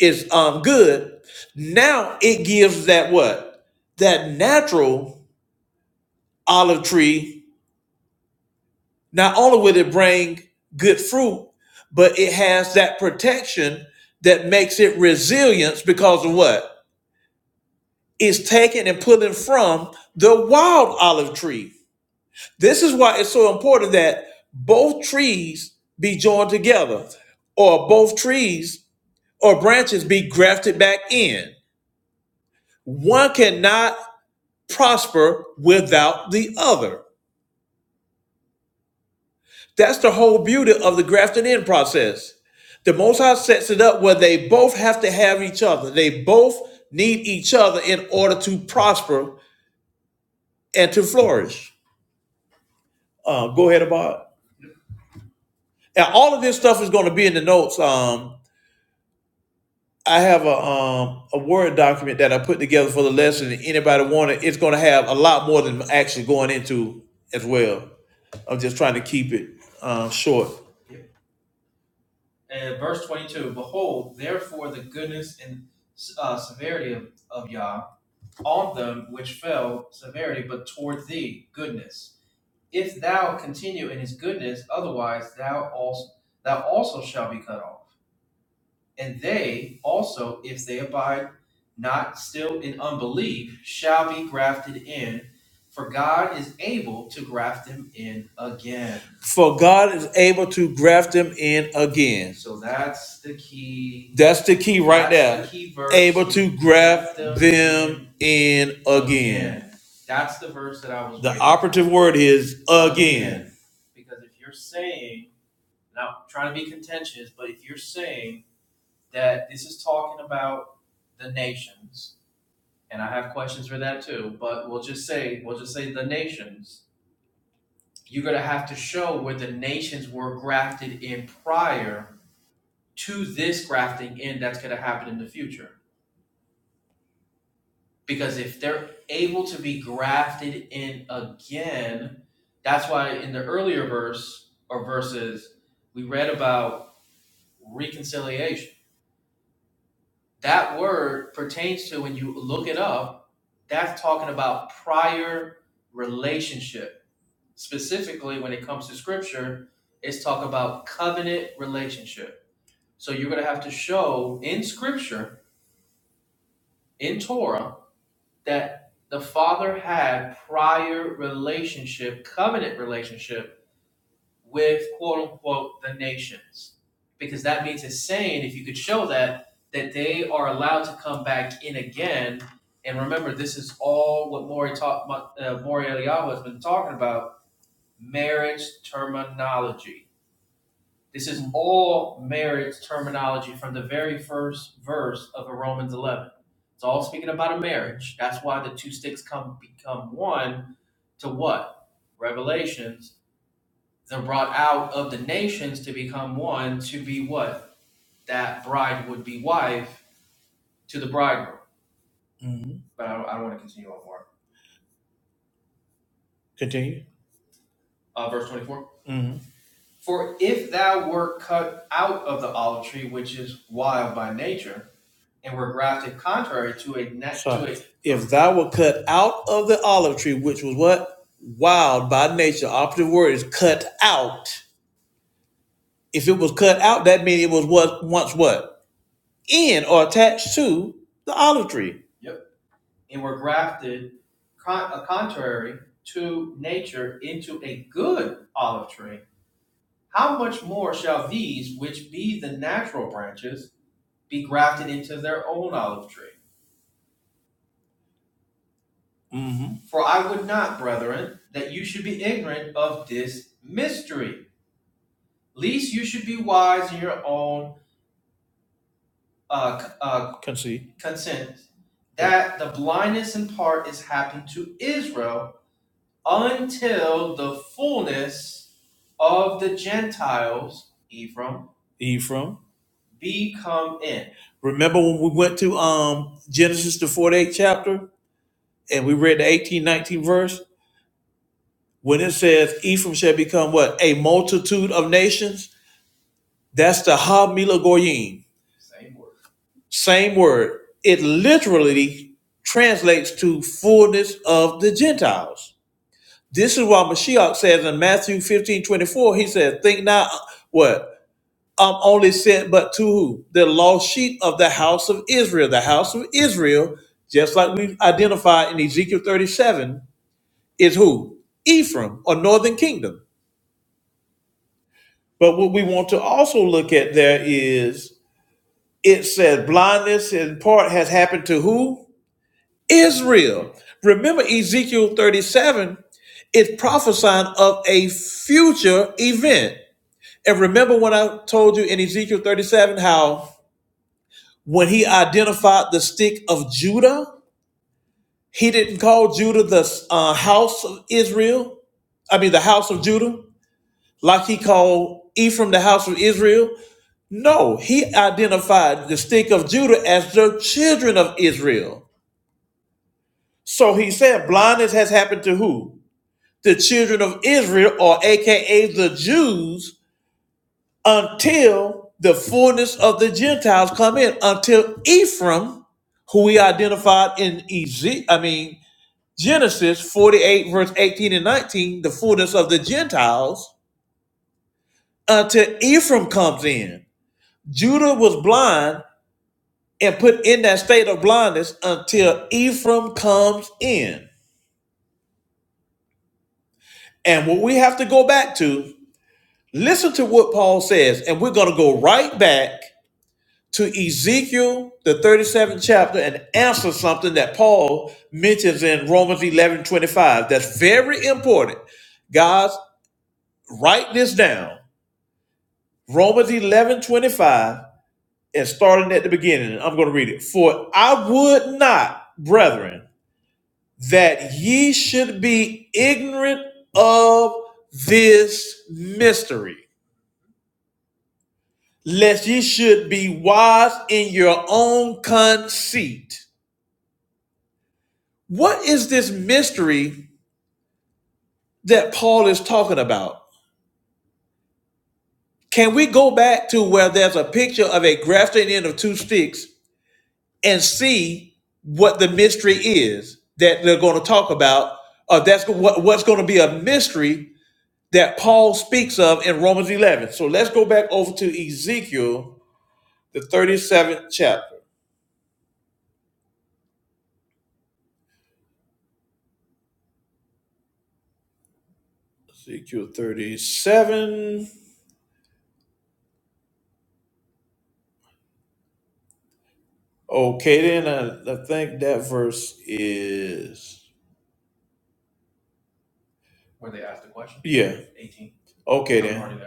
is um, good. Now it gives that what? That natural olive tree, not only will it bring good fruit, but it has that protection that makes it resilience because of what? It's taken and put in from the wild olive tree. This is why it's so important that both trees be joined together, or both trees or branches be grafted back in. One cannot prosper without the other. That's the whole beauty of the grafting in process. The Most High sets it up where they both have to have each other. They both need each other in order to prosper and to flourish. Uh, go ahead, Abad. And all of this stuff is going to be in the notes. Um, I have a um a word document that I put together for the lesson. And anybody want it? It's going to have a lot more than actually going into as well. I'm just trying to keep it uh, short. For God is able to graft them in again. So That's the key That's the key right there. The key verse, Able to graft them them in again. again. That's The verse that I was. The reading. operative word is again. Mhm. Continue. Mm-hmm. natural. If thou were cut out of the olive tree, which was what? Wild by nature. Operative word is cut out. If it was cut out, that means it was what once what? In or attached to the olive tree. Mm-hmm. Can see. Ephraim. Remember when we went to um Genesis the 48th chapter and we read the 18, nineteen verse? When it says Ephraim shall become what? A multitude of nations. That's the Hamila Goyim. Same word. It literally translates to fullness of the Gentiles. This is why Mashiach says in Matthew 15 24. he says, Think not uh, what? I'm only sent but to who? The lost sheep of the house of Israel. The house of Israel, just like we identified in Ezekiel 37, is who? Ephraim or northern kingdom. But what we want to also look at there is it says blindness in part has happened to who? Israel. Remember Ezekiel 37 is prophesying of a future event. And remember when I told you in Ezekiel 37 how when he identified the stick of Judah, he didn't call Judah the uh, house of Israel. I mean, the house of Judah, like he called Ephraim the house of Israel. No, he identified the stick of Judah as the children of Israel. So he said, blindness has happened to who? The children of Israel, or AKA the Jews, until the fullness of the Gentiles come in, until Ephraim, who we identified in Eze- I mean Genesis 48, verse 18 and 19, the fullness of the Gentiles, until Ephraim comes in. Judah was blind and put in that state of blindness until Ephraim comes in. And what we have to go back to, listen to what Paul says, and we're going to go right back to Ezekiel, the 37th chapter, and answer something that Paul mentions in Romans 11 25. that's very important. Guys, write this down. Romans 11 25, and starting at the beginning, I'm going to read it. For I would not, brethren, that ye should be ignorant of this mystery, lest ye should be wise in your own conceit. What is this mystery that Paul is talking about? Can we go back to where there's a picture of a grafting end of two sticks and see what the mystery is that they're going to talk about? Or that's what, what's going to be a mystery that Paul speaks of in Romans 11. So let's go back over to Ezekiel, the 37th chapter. Ezekiel 37. Okay, then I, I think that verse is. where they asked the question. Yeah. eighteen. Okay, then.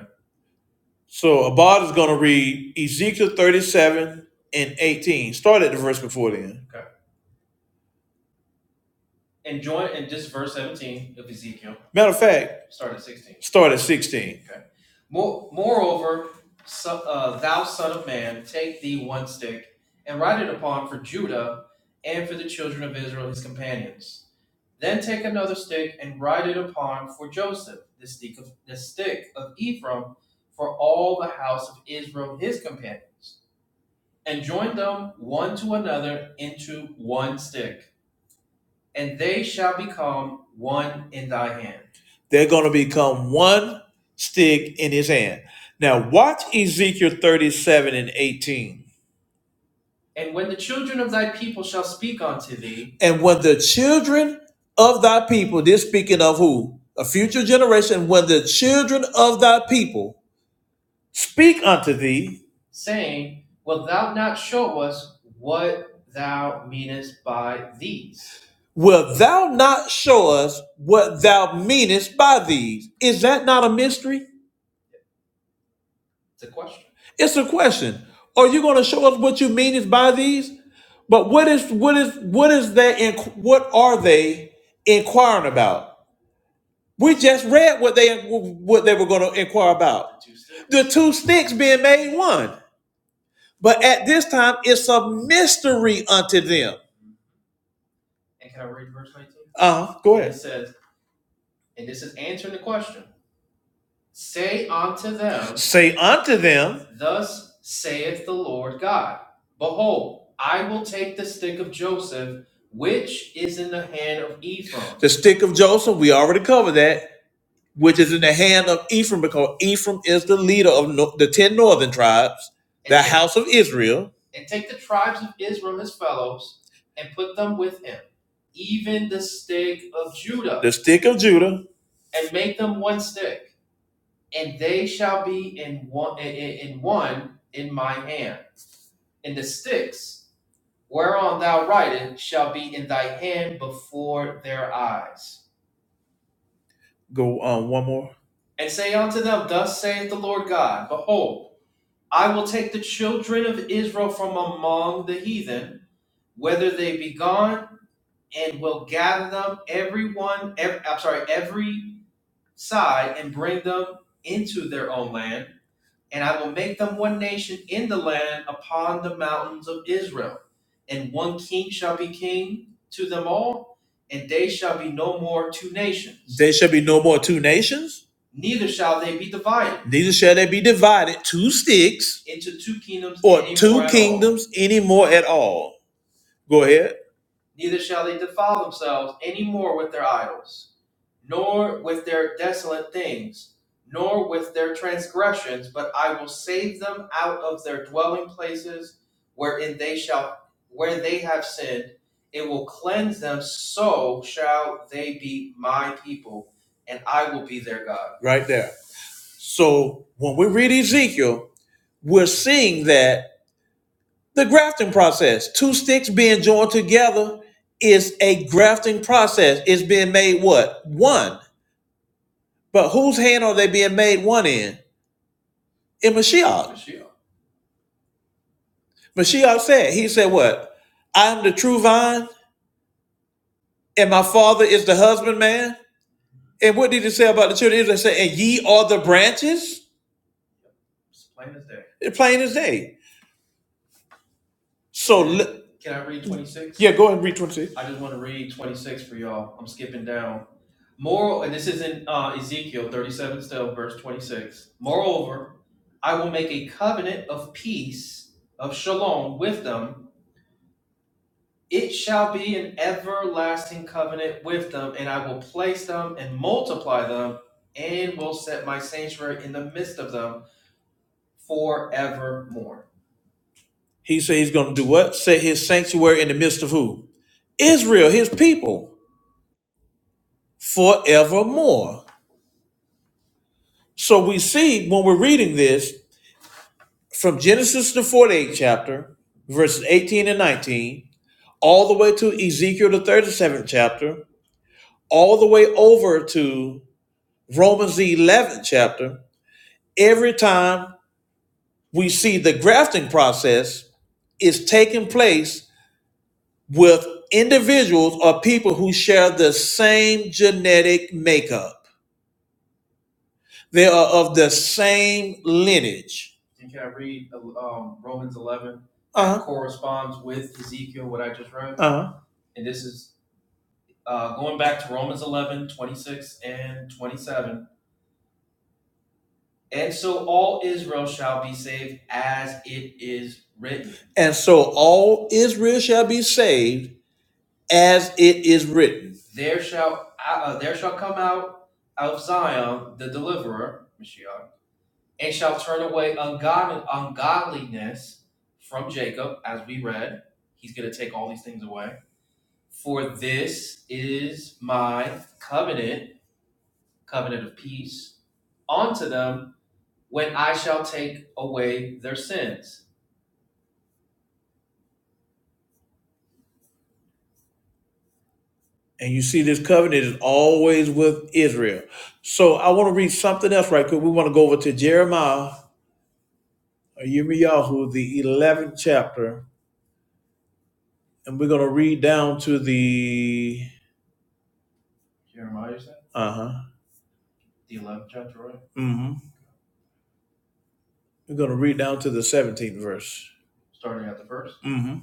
So Abad is going to read Ezekiel 37 and 18. Start at the verse before then. Matter of fact, start at 16. They're going to become one stick in his hand. Now, watch Ezekiel 37 and 18. And when the children of thy people, this speaking of who? A future generation, when the children of thy people speak unto thee, wilt thou not show us what thou meanest by these? Is that not a mystery? It's a question. Are you going to show us what you mean is by these? But what is what is what is that? inqu- What are they inquiring about? We just read what they what they were going to inquire about. The two sticks being made one, but at this time it's a mystery unto them. Uh huh. Go ahead. It Says, Say unto them. Say unto them. Which is in the hand of Ephraim. The stick of Joseph. We already covered that. which is in the hand of Ephraim, because Ephraim is the leader of no, the ten northern tribes, and the house of Israel, even the stick of Judah, the stick of Judah. Go on um, one more. And they shall be no more two nations. They shall be no more two nations. Neither shall they be divided. Neither shall they be divided two sticks into two kingdoms or two at all. kingdoms anymore at all. Go ahead, right there. So when we read Ezekiel, we're seeing that The grafting process, two sticks being joined together is a grafting process. It's being made what? One. But whose hand are they being made one in? In Mashiach. Mashiach. Mashiach said, he said what? I am the true vine and my father is the husbandman. And what did he say about the children of Israel? He said, and ye are the branches? It's plain as day. So li- Can I read 26? Yeah, go ahead and read 26. He said he's going to do what? Set his sanctuary in the midst of who? Israel, his people. forevermore. So we see when we're reading this from Genesis, the 48th chapter, verses 18 and 19, all the way to Ezekiel, the 37th chapter, all the way over to Romans, the 11th chapter, every time we see the grafting process is taking place with individuals or people who share the same genetic makeup, they are of the same lineage Uh-huh. Uh-huh. And so all Israel shall be saved as it is written. And you see this covenant is always with Israel. So I want to read something else right quick. We want to go over to Jeremiah or Yirmiyahu, the 11th chapter, and we're going to read down to the, uh-huh, hmm We're going to read down to the 17th verse. hmm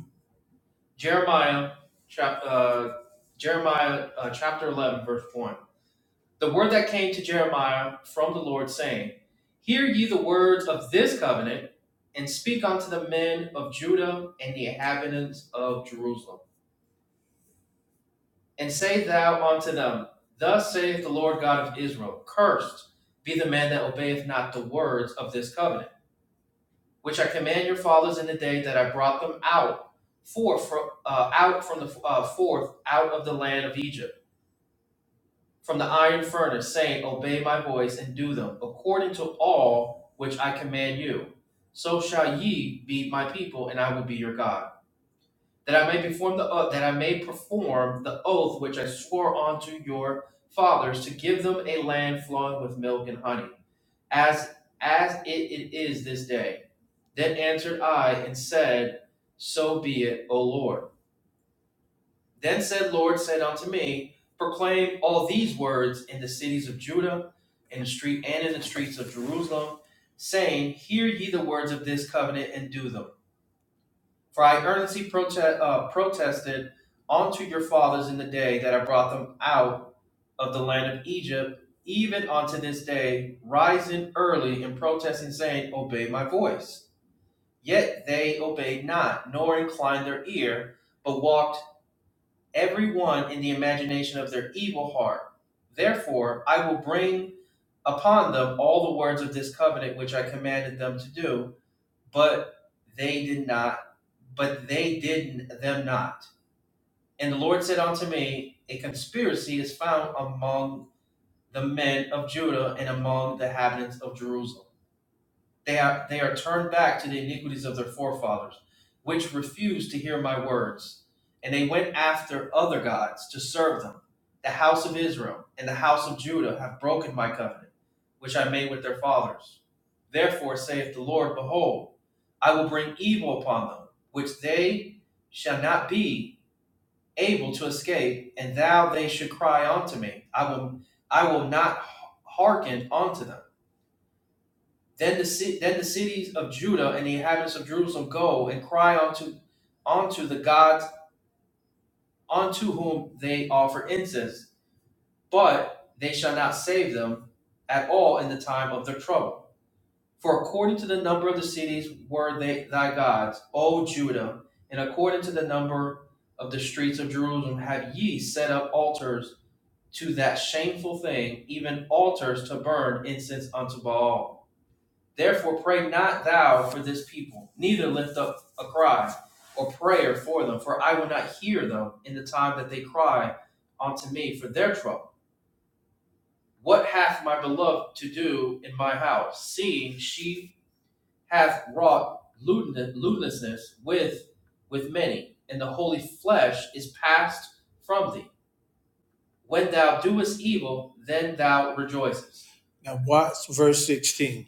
Now watch verse 16.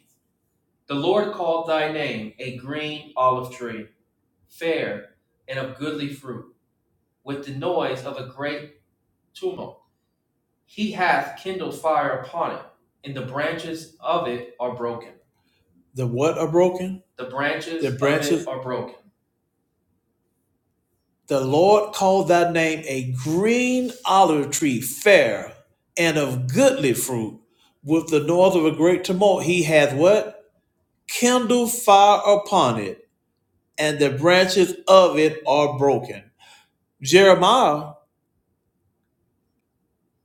The what are broken? The branches The Lord called that name a green olive tree, fair and of goodly fruit. With the north of a great tumult, he hath what? Kindled fire upon it, and the branches of it are broken. Jeremiah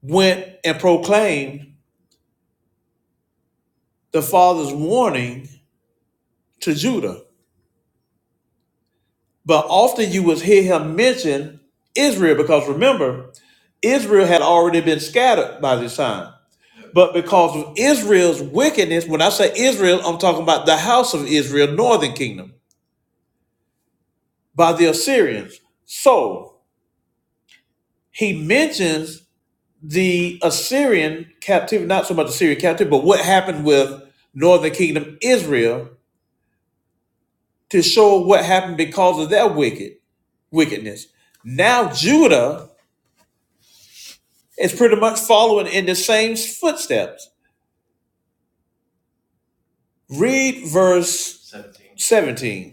went and proclaimed the father's warning to Judah. But often you would hear him mention Israel because remember, Israel had already been scattered by this time. But because of Israel's wickedness, when I say Israel, I'm talking about the house of Israel, northern kingdom, by the Assyrians. So he mentions the Assyrian captivity, not so much Assyrian captivity, but what happened with northern kingdom Israel to show what happened because of their wicked wickedness. Now Judah is pretty much following in the same footsteps. Read verse 17. Seventeen.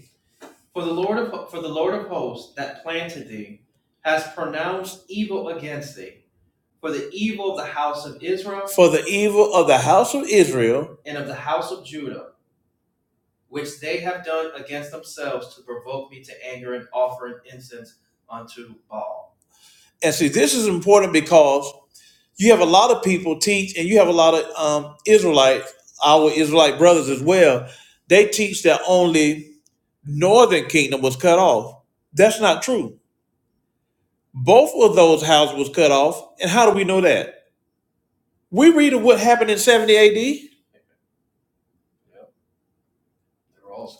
for the evil of the house of Israel. And see, this is important because you have a lot of people teach, and you have a lot of um, Israelites, our Israelite brothers as well. They teach that only northern kingdom was cut off. That's not true. Both of those houses was cut off. And how do we know that? We read of what happened in 70 AD.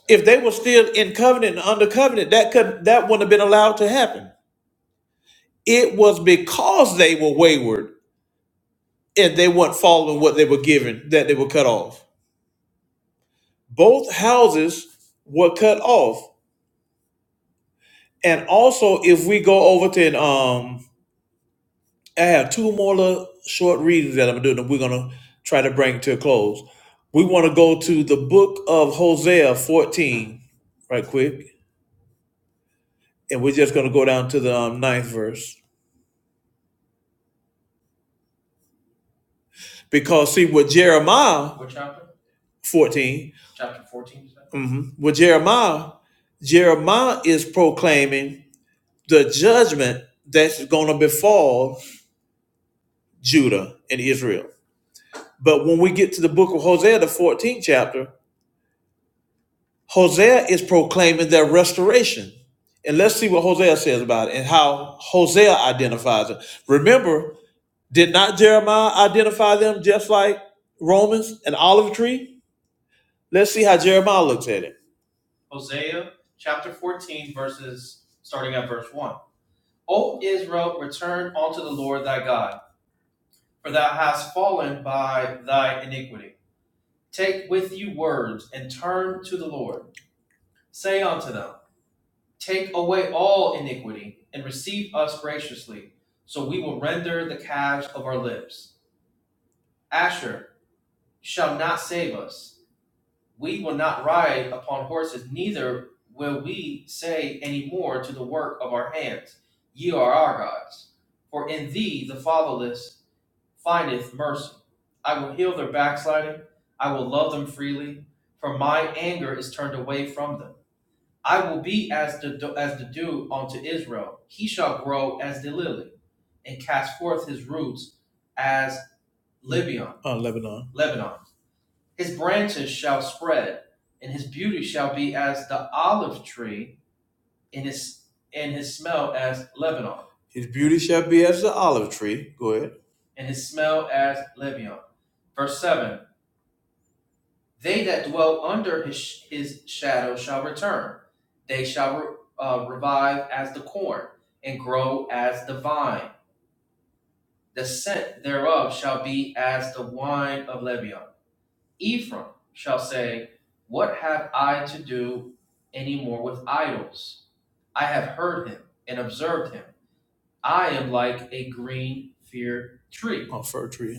If they were still in covenant and under covenant, that could that wouldn't have been allowed to happen. It was because they were wayward and they weren't following what they were given that they were cut off. Both houses were cut off. And also, if we go over to, and, um, I have two more little short readings that I'm doing that we're going to try to bring to a close. We want to go to the book of Hosea 14 right quick. And we're just going to go down to the um, ninth verse. Because, see, with Jeremiah what chapter? 14. hmm With Jeremiah, Jeremiah is proclaiming the judgment that's going to befall Judah and Israel. But when we get to the book of Hosea, the 14th chapter, Hosea is proclaiming their restoration. And let's see what Hosea says about it and how Hosea identifies it. Remember, did not Jeremiah identify them just like Romans, an olive tree? Let's see how Jeremiah looks at it. On Lebanon. His beauty shall be as the olive tree. Go ahead. on fir tree.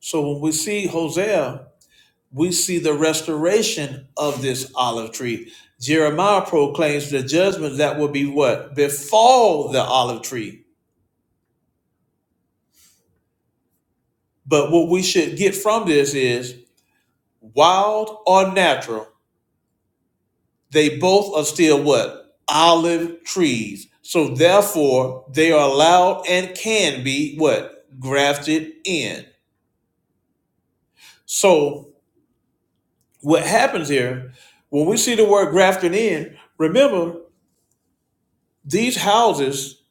So when we see Hosea, we see the restoration of this olive tree. Jeremiah proclaims the judgment that will be what? Befall the olive tree. But what we should get from this is wild or natural, they both are still what? Olive trees. So therefore, they are allowed and can be what? Grafted in. So what happens here when we see the word grafting in remember these houses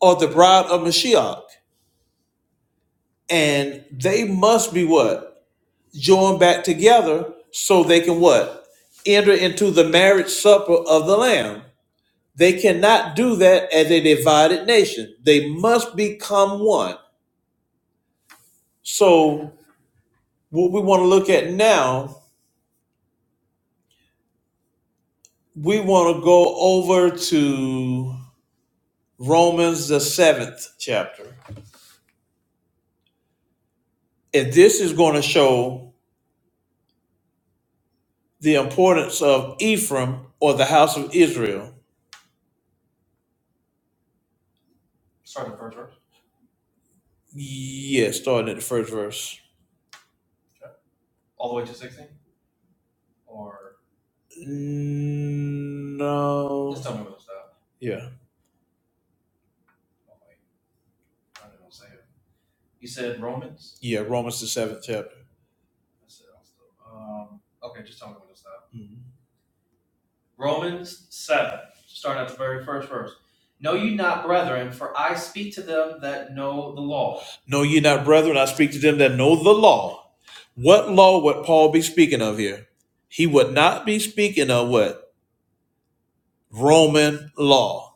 are the bride of mashiach and they must be what joined back together so they can what enter into the marriage supper of the lamb they cannot do that as a divided nation they must become one so what we want to look at now we want to go over to romans the seventh chapter And this is going to show the importance of Ephraim or the house of Israel. Yes, starting at the first verse. No. Just tell me what's up. Yeah, yeah, Romans the seventh chapter. Mhm. Know ye not, brethren, I speak to them that know the law. What law would Paul be speaking of here? He would not be speaking of what? Roman law.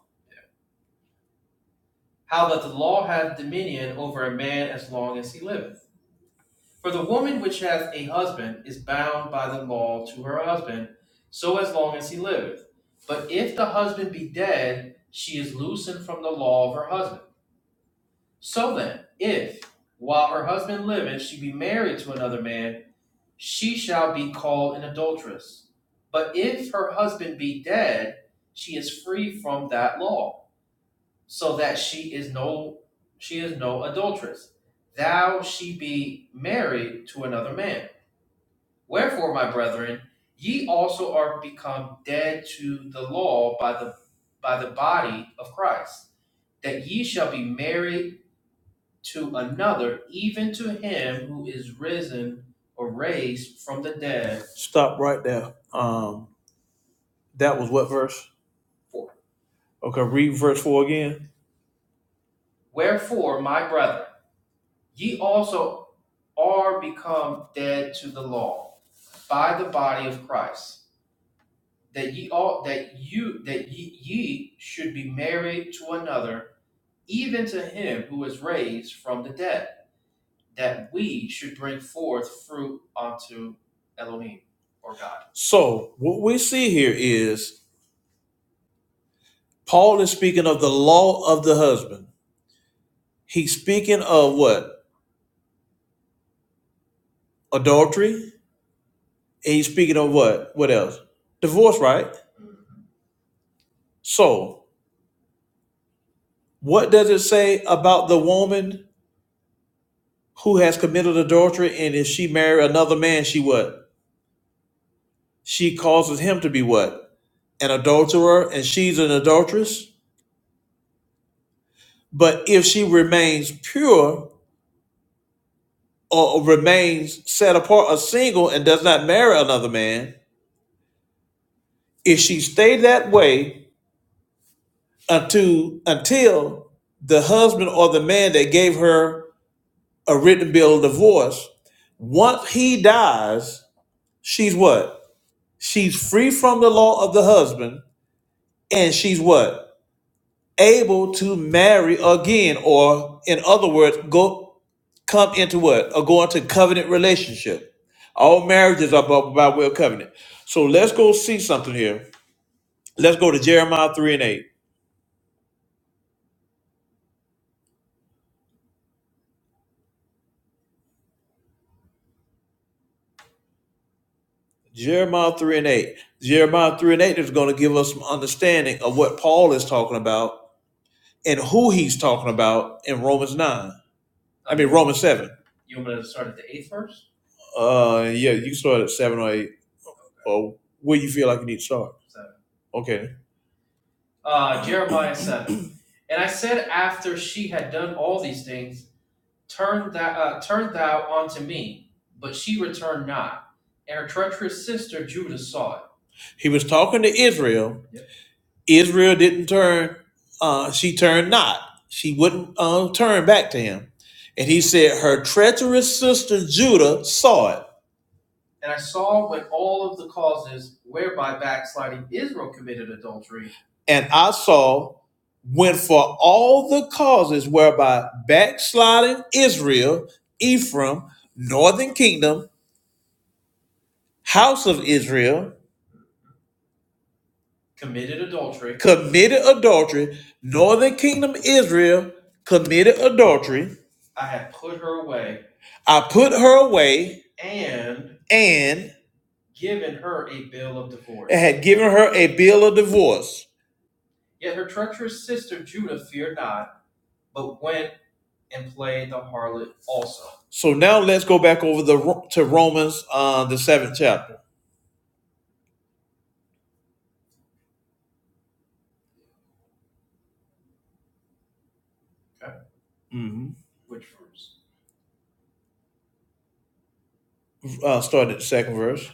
Stop right there. Um, that was what verse? Okay, read verse four again. So, what we see here is Paul is speaking of the law of the husband. He's speaking of what? Adultery. And he's speaking of what? What else? Divorce, right? So, what does it say about the woman who has committed adultery and if she marry another man, she what? She causes him to be what? An adulterer and she's an adulteress? But if she remains pure or remains set apart or single and does not marry another man, If she stayed that way until until the husband or the man that gave her a written bill of divorce, once he dies, she's what? She's free from the law of the husband, and she's what? Able to marry again, or in other words, go come into what? Or go into covenant relationship. All marriages are by, by way of covenant. So let's go see something here. Let's go to Jeremiah 3 and 8. Jeremiah 3 and 8. Jeremiah 3 and 8 is going to give us some understanding of what Paul is talking about and who he's talking about in Romans 9. I mean, Romans 7. Uh, yeah, you can start at 7 or 8, or where you feel like you need to start. Okay. He was talking to Israel. Israel didn't turn, uh, she turned not. She wouldn't uh, turn back to him. And he said, Her treacherous sister Judah saw it and I saw went for all the causes whereby backsliding Israel, Ephraim, northern kingdom, house of Israel, committed adultery, Committed adultery, northern kingdom Israel committed adultery. I put her away and given her a bill of and had given her a bill of divorce. So now let's go back over the to Romans, uh, the seventh chapter. Mm-hmm. Uh, start at the second verse.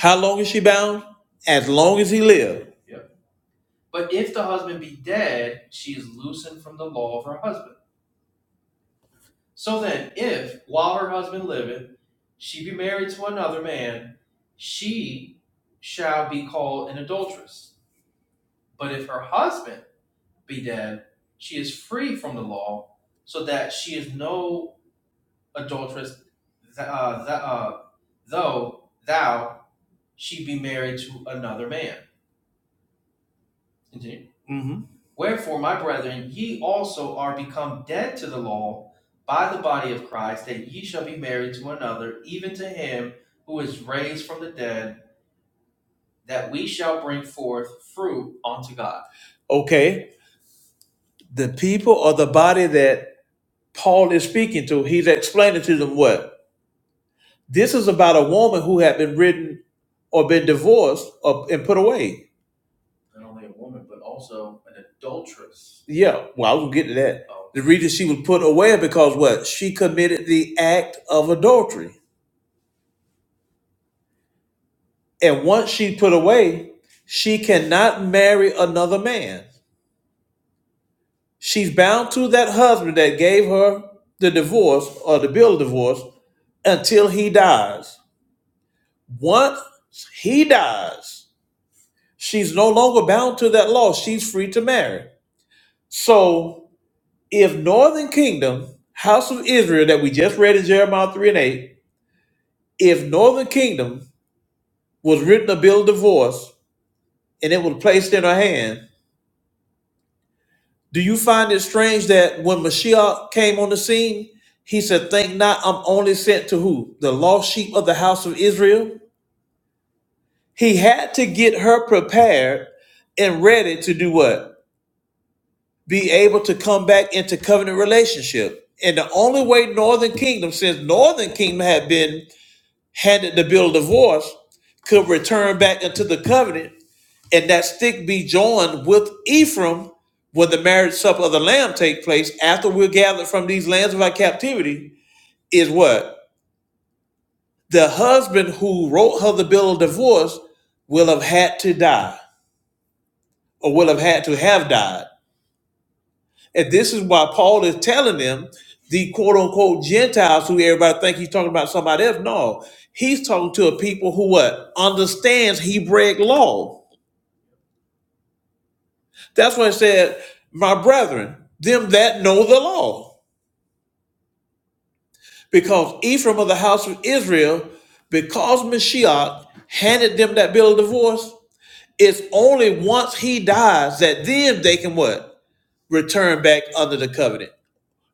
How long is she bound? As long as he lived. hmm Okay. The people or the body that Paul is speaking to, he's explaining to them what? This is about a woman who had been written or been divorced or, and put away. Yeah. Well, I was going to get to that. The reason she was put away because what? She committed the act of adultery. And once she put away, she cannot marry another man. She's bound to that husband that gave her the divorce or the bill of divorce until he dies. Once he dies, she's no longer bound to that law. She's free to marry. So if Northern Kingdom, House of Israel, that we just read in Jeremiah 3 and 8, if Northern Kingdom was written a bill of divorce and it was placed in her hand, Do you find it strange that when Mashiach came on the scene, he said, Think not, I'm only sent to who? The lost sheep of the house of Israel? He had to get her prepared and ready to do what? Be able to come back into covenant relationship. And the only way Northern Kingdom, since Northern Kingdom had been handed the bill of divorce, could return back into the covenant and that stick be joined with Ephraim when the marriage supper of the Lamb take place after we're gathered from these lands of our captivity is what? The husband who wrote her the bill of divorce will have had to die or will have had to have died. And this is why Paul is telling them the quote unquote Gentiles who everybody think he's talking about somebody else. No, he's talking to a people who what? Understands Hebraic law. That's why he said, my brethren, them that know the law. because Ephraim of the house of Israel, because Mashiach handed them that bill of divorce, it's only once he dies that then they can what? Return back under the covenant.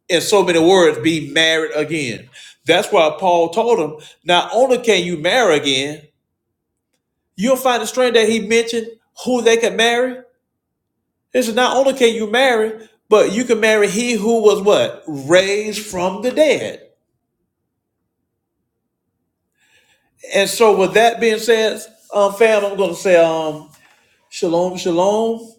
In so many words, be married again. That's why Paul told them, not only can you marry again, you'll find a strange that he mentioned who they could marry. He said, not only can you marry, but you can marry he who was what? Raised from the dead. And so, with that being said, um, fam, I'm going to say um, shalom, shalom.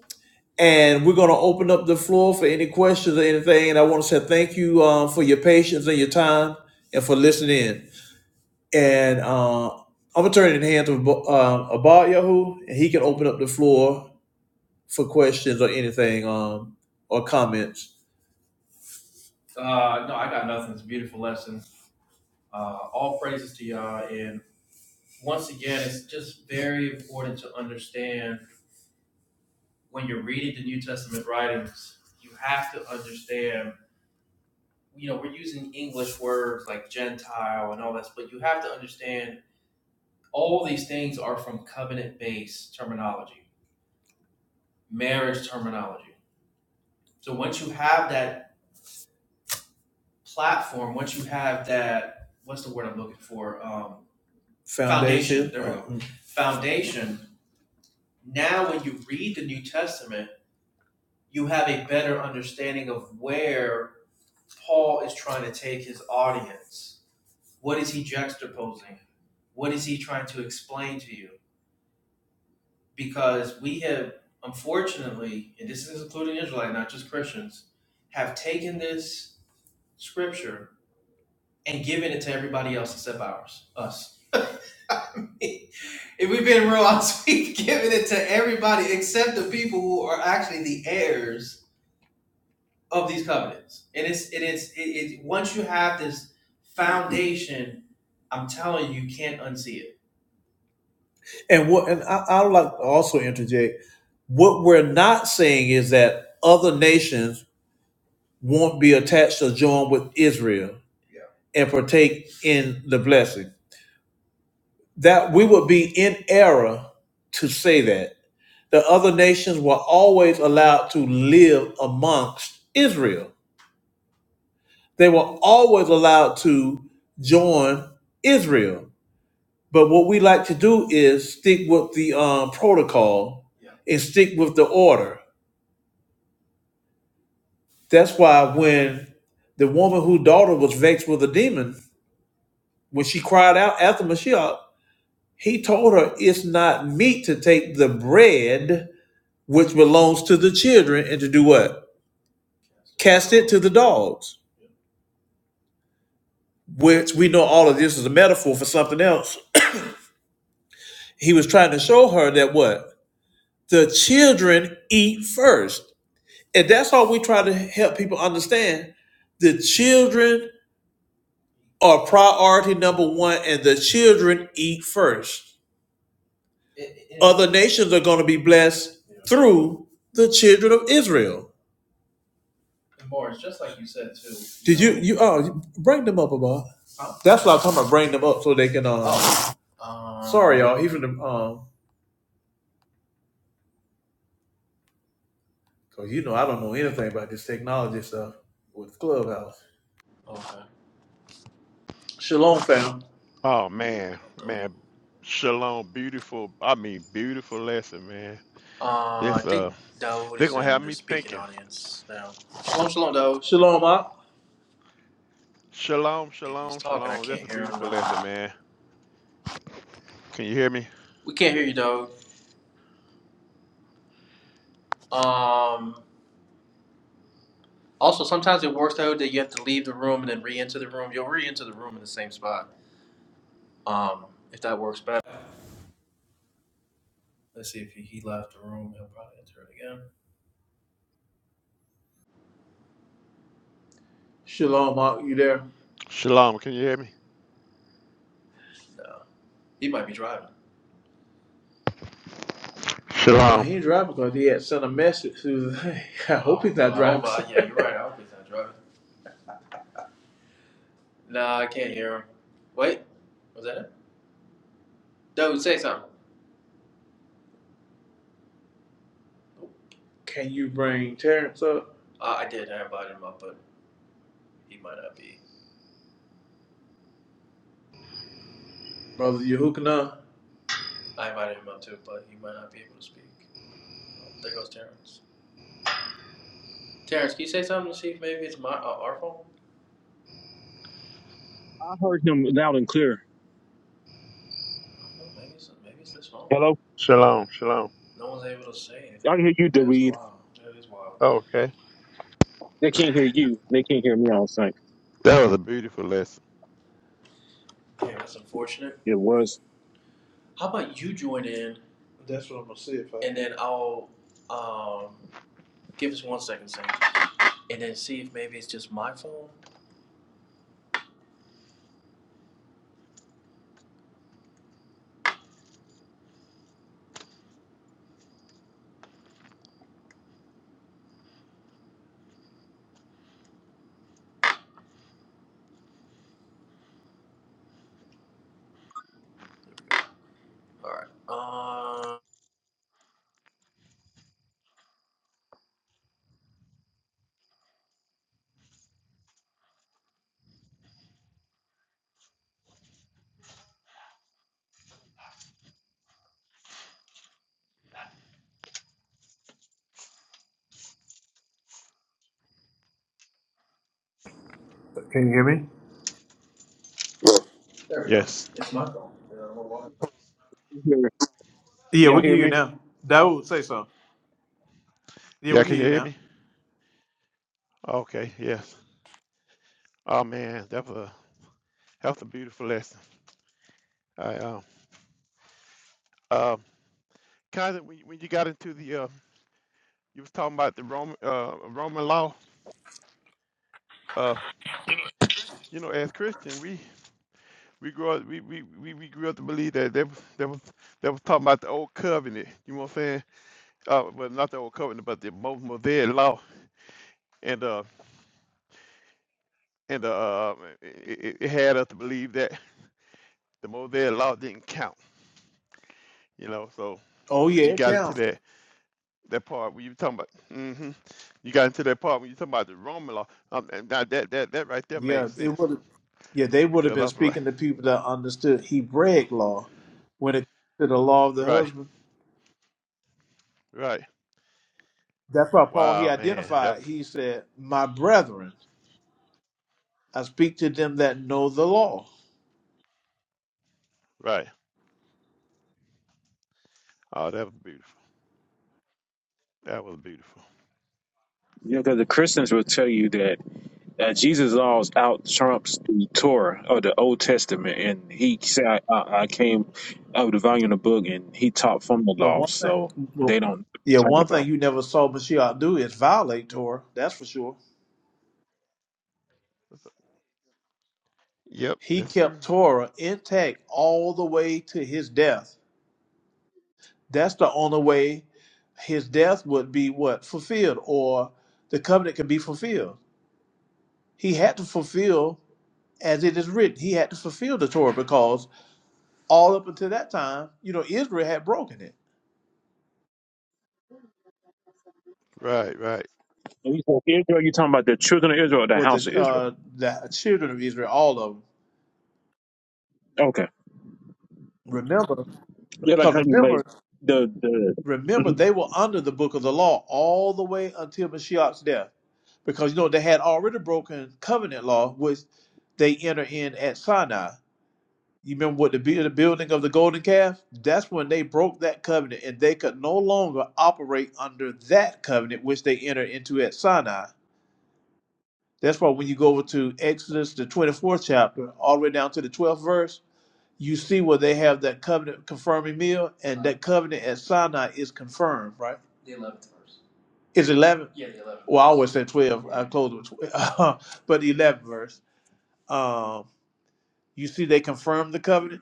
And we're going to open up the floor for any questions or anything. And I want to say thank you um, for your patience and your time and for listening in. And uh, I'm going to turn it in the hands of uh, Abad Yahoo, and he can open up the floor for questions or anything um, or comments. Foundation. Foundation, there we go. And what? And I, I would like to also interject. What we're not saying is that other nations won't be attached or joined with Israel and partake in the blessing. That we would be in error to say that. The other nations were always allowed to live amongst Israel, they were always allowed to join Israel. But what we like to do is stick with the um, protocol and stick with the order. That's why when the woman whose daughter was vexed with a demon, when she cried out after Mashiach, He told her it's not meet to take the bread which belongs to the children and to do what? Cast it to the dogs, which we know all of this is a metaphor for something else. He was trying to show her that what? The children eat first. And that's all we try to help people understand. The children are priority number one, and the children eat first. Other nations are going to be blessed through the children of Israel. Did you you oh bring them up about? That's what I'm talking about. Bring them up so they can. Um, oh. Um, sorry, y'all. Even the um, cause you know I don't know anything about this technology stuff with Clubhouse. Shalom, fam. Oh man, man, Shalom, beautiful. I mean, beautiful lesson, man. This uh, they're gonna have me thinking. Shalom, Mark. Shalom, shalom, shalom. That's a beautiful lesson, man. Can you hear me? Shalom, Mark. You there? Shalom, can you hear me? No, Shalom, he ain't driving because he had sent a message. To the thing. I hope he's not driving. Can you bring Terrence up, brother Yehukana? I heard him loud and clear. Hello? shalom, shalom. I can hear you, That's David. wild. okay, They can't hear you. They can't hear me, I was like, that was a beautiful lesson. it was. That's what I'm gonna see if I. Can you hear me? Yes. You hear- Yeah, Y'all we can hear hear you me? now. That would say so. Yeah, Yeah, we can can hear you you hear now. me? Okay. Yes. Oh man, that was a that's a beautiful lesson. I um um kind of when, when you got into the uh, you was talking about the Roman uh Roman law uh you know, as Christian, we We grew up, we, we, we, we grew up to believe that they, was- they was they was talking about the old covenant. You know what I'm saying? Uh, well, not the old covenant, but the Mo- Mosaic law, and uh, and uh, uh, it, it it had us to believe that the Mosaic law didn't count. You know, so Oh when you yeah, it got into counts. that that part when you were talking about, hmm you got into that part when you talking about the Roman law. Um, and now that that that right there Yeah, made it sense would. Yeah, they would have because I been was like, speaking to people that understood Hebraic law when it to the law of the right, husband. right, That's why Paul he wow, man, that identified. was He said, "My brethren, I speak to them that know the law." right. Oh, that was beautiful. That was beautiful. Yeah, because the Christians will tell you that uh, Jesus' laws out trumps the Torah or the Old Testament. And he said, I, I, I came out of the volume of the book and he taught from the But law. one So thing, well, they don't know what yeah, you're talking one thing about. you never saw Mashiach do is violate Torah. That's for sure. Yep, He that's true. kept Torah intact all the way to his death. That's the only way his death would be what fulfilled, or the covenant could be fulfilled. He had to fulfill as it is written. He had to fulfill the Torah because all up until that time, you know, Israel had broken it. Right, right. And he said, Israel, you're talking about the children of Israel or the Well, house the of Israel? uh, the children of Israel, all of them. Okay. Remember, Yeah, like how because you made remember, the, the remember they were under the book of the law all the way until Mashiach's death. Because you know they had already broken covenant law, which they enter in at Sinai You remember what the, bu- the building of the golden calf? That's when they broke that covenant and they could no longer operate under that covenant which they entered into at Sinai. That's why when you go over to Exodus, the 24th chapter, all the way down to the 12th verse, you see where they have that covenant confirming meal and that covenant at Sinai is confirmed, right? The eleventh verse Is 11? Yeah, the eleventh. Well, I always said 12. I closed with 12. but the 11th verse. Um, you see they confirmed the covenant?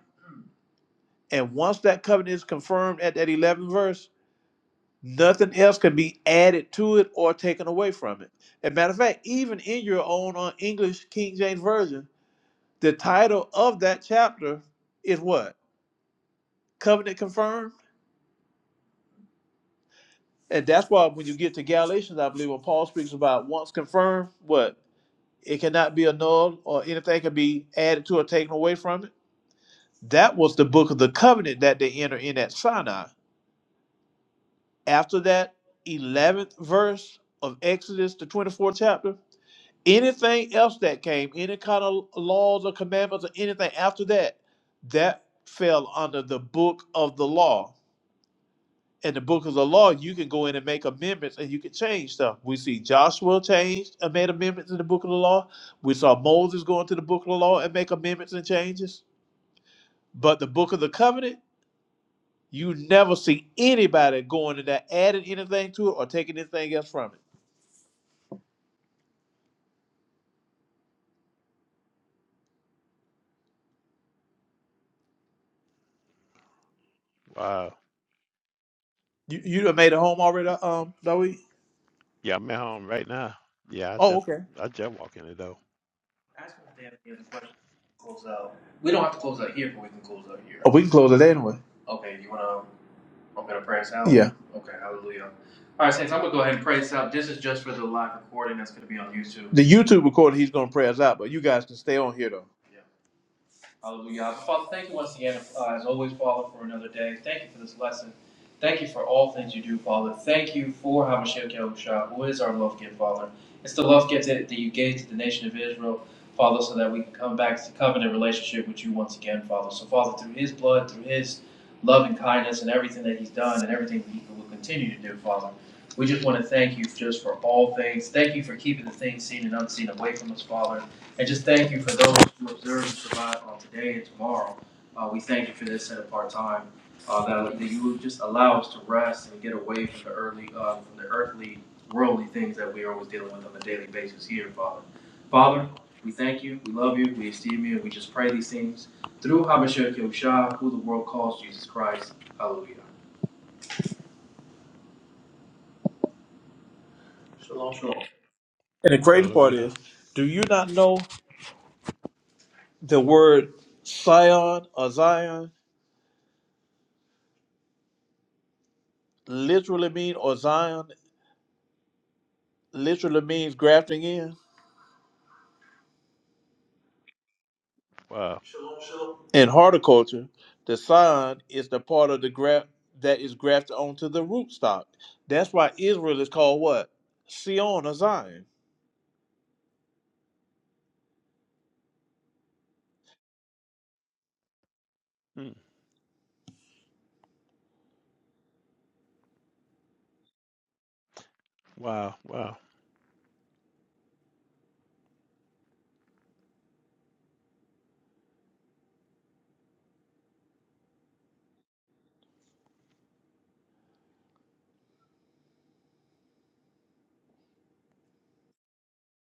And once that covenant is confirmed at that 11th verse, nothing else can be added to it or taken away from it. As a matter of fact, even in your own uh, English King James Version, the title of that chapter is what? Covenant Confirmed. And that's why when you get to Galatians, I believe when Paul speaks about once confirmed, what? It cannot be annulled or anything can be added to or taken away from it. That was the book of the covenant that they enter in at Sinai after that 11th verse of Exodus, the 24th chapter, anything else that came, any kind of laws or commandments or anything after that, that fell under the book of the law. In the book of the law, you can go in and make amendments and you can change stuff. We see Joshua changed and made amendments in the book of the law. We saw Moses go into the book of the law and make amendments and changes. But the book of the covenant, you never see anybody going in there adding anything to it or taking anything else from it. Wow. You you done made a home already, um, Zoe? Yeah, I'm at home right now. Yeah, I Oh, just okay. I just walk in the door. Ask them if they have any other questions. Close out. We don't have to close out here, but we can close out here. Oh, we can close it anyway. Okay, you want to open a prayer us out? Yeah. Okay, hallelujah. All right, Saints, I'm going to go ahead and pray us out. This is just for the live recording that's going to be on YouTube. The YouTube recording, he's gonna pray us out, but you guys can stay on here though. Hallelujah. Father, thank you once again, uh, as always, Father, for another day. Thank you for this lesson. Thank you for all things you do, Father. Thank you for Hamashiach Yahushua, who is our love gift, Father. It's the love gift that, that you gave to the nation of Israel, Father, so that we can come back to covenant relationship with you once again, Father. So, Father, through his blood, through his love and kindness, and everything that he's done, and everything that he will continue to do, Father, we just want to thank you just for all things. Thank you for keeping the things seen and unseen away from us, Father. And just thank you for those who observe and survive on today and tomorrow. Uh, we thank you for this set apart time, uh, that, that you would just allow us to rest and get away from the early, uh, from the earthly, worldly things that we are always dealing with on a daily basis here, Father. Father, we thank you, we love you, we esteem you, and we just pray these things through Abishak Yahusha, who the world calls Jesus Christ. Hallelujah. And the great part Hallelujah. is, do you not know the word Sion or Zion literally mean or Zion? literally means grafting in. Wow. In horticulture, the sod is the part of the graft that is grafted onto the rootstock. That's why Israel is called what? Sion or Zion. Hmm. Wow. Wow.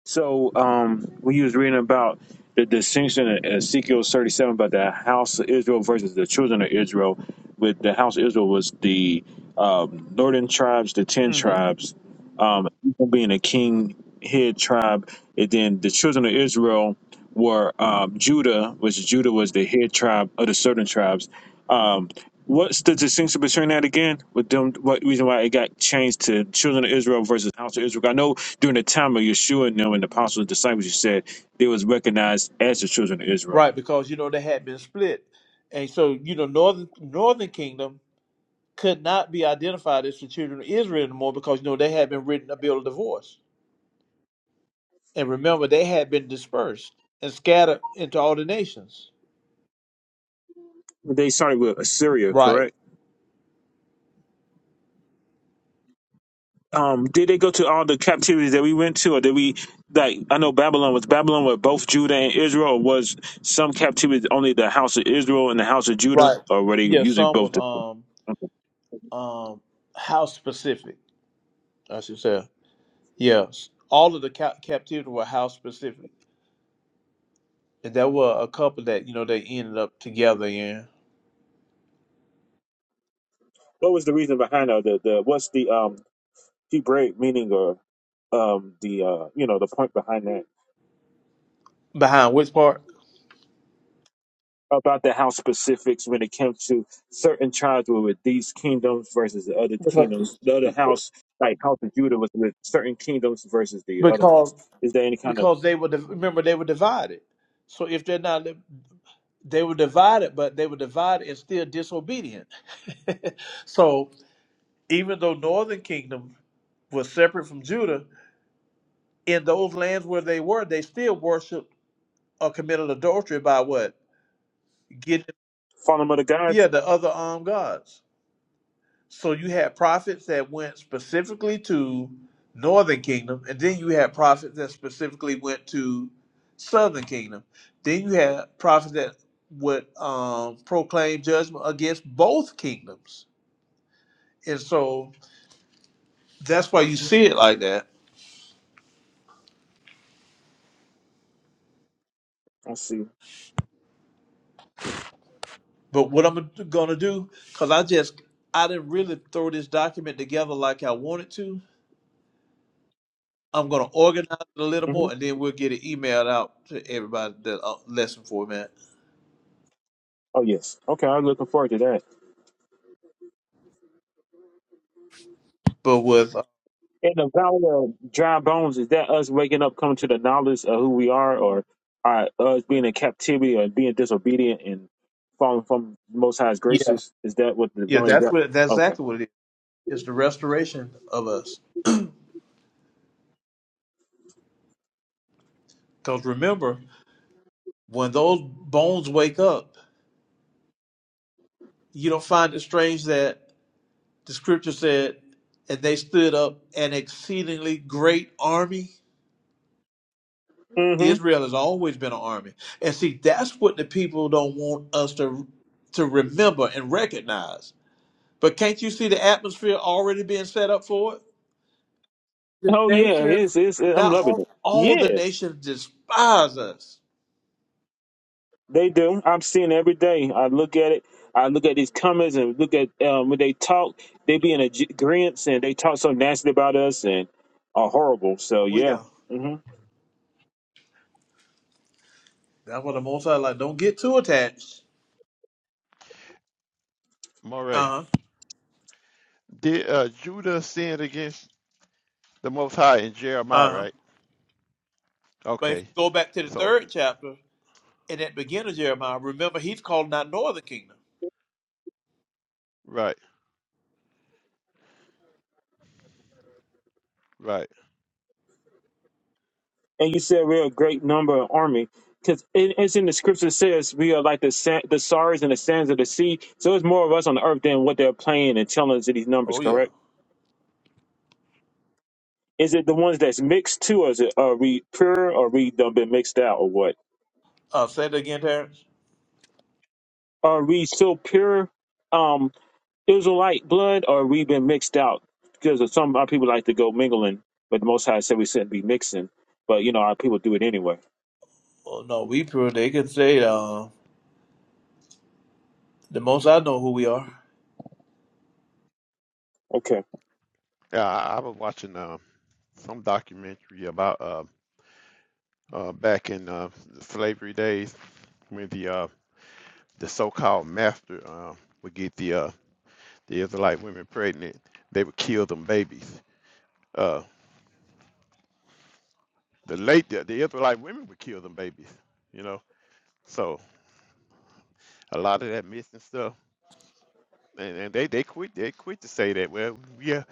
So um, when you was reading about the distinction in Ezekiel 37 about the house of Israel versus the children of Israel, with the house of Israel was the um, northern tribes, the ten hmm tribes, um, being a king head tribe, and then the children of Israel were um, Judah, which Judah was the head tribe of the southern tribes. Um, What's the distinction between that again? With them, what reason why it got changed to children of Israel versus house of Israel? I know during the time of Yeshua and them and the apostles and disciples, you said they was recognized as the children of Israel. Right, because you know they had been split, and so you know northern northern kingdom could not be identified as the children of Israel anymore because you know they had been written a bill of divorce, and remember they had been dispersed and scattered into all the nations. They started with Assyria, Right, correct? Um, did they go to all the captivities that we went to, or did we like? I know Babylon was Babylon with both Judah and Israel, or was some captivity only the house of Israel and the house of Judah, right. or were they Yeah, usually some both? was The, um okay. um house specific. I should say yes. All of the ca- captivity were house specific, and there were a couple that you know they ended up together in What was the reason behind that? The, the what's the um Hebraic meaning or um the uh you know the point behind that behind which part about the house specifics when it comes to certain tribes were with these kingdoms versus the other because kingdoms. The other house, like House of Judah, was with certain kingdoms versus the other because ones. Is there any kind of because they were div- remember they were divided. So if they're not they were divided, but they were divided and still disobedient. so even though Northern Kingdom was separate from Judah, in those lands where they were, they still worshipped or committed adultery by what following of the gods? Yeah, the other um gods. So you had prophets that went specifically to Northern Kingdom, and then you had prophets that specifically went to Southern Kingdom. Then you had prophets that would um, proclaim judgment against both kingdoms, and so that's why you see it like that. I see. But what I'm gonna do, because I just I didn't really throw this document together like I wanted to, I'm gonna organize it a little hmm more, and then we'll get it emailed out to everybody the uh, lesson format. Oh yes. Okay, I'm looking forward to that. But with uh, In the valley of dry bones, is that us waking up, coming to the knowledge of who we are, or are us being in captivity or being disobedient and falling from the Most High's yeah, graces? Is that what the yeah, valley of dry? that's what that's Okay. exactly what it is. It's the restoration of us. Because remember, when those bones wake up, you don't find it strange that the scripture said, "And they stood up an exceedingly great army." hmm Israel has always been an army, and see, that's what the people don't want us to to remember and recognize But can't you see the atmosphere already being set up for it? The Oh yeah, nations, it's, it's I'm not loving all, it. all the Yeah, nations despise us. they do. I'm seeing it every day. I look at it. I look at these comments and look at um, when they talk. They be in agreement and they talk so nasty about us and are horrible. So Oh yeah. yeah, Mm-hmm. that's what the Most High like. Don't get too attached. Uh Moray. huh. Did uh, Judah sin against the Most High in Uh Jeremiah? huh. Right. But if you Okay. go back to the So third chapter and at the beginning of Jeremiah, remember he's calling out Northern Kingdom. right, right. and you said we're a great number of army because it, it's in the scripture says we are like the sand, the stars and the sands of the sea so it's more of us on the earth than what they're playing and telling us in these numbers Oh yeah. correct is it the ones that's mixed too or is it are we pure or we done been mixed out or what Uh, say it again, Terrence. are we still pure um israelite blood or we been mixed out because of some our people like to go mingling but the most high said we shouldn't be mixing but you know our people do it anyway Oh no, we pure. They can say uh, the Most High know who we are. okay Yeah, I, I was watching um some documentary about uh, uh back in uh, slavery days when the uh the so-called master um would get the uh the Israelite women pregnant, they would kill them babies. Uh, the late the, the Israelite women would kill them babies, you know. So a lot of that missing stuff, and, and they they quit they quit to say that. Well, we are,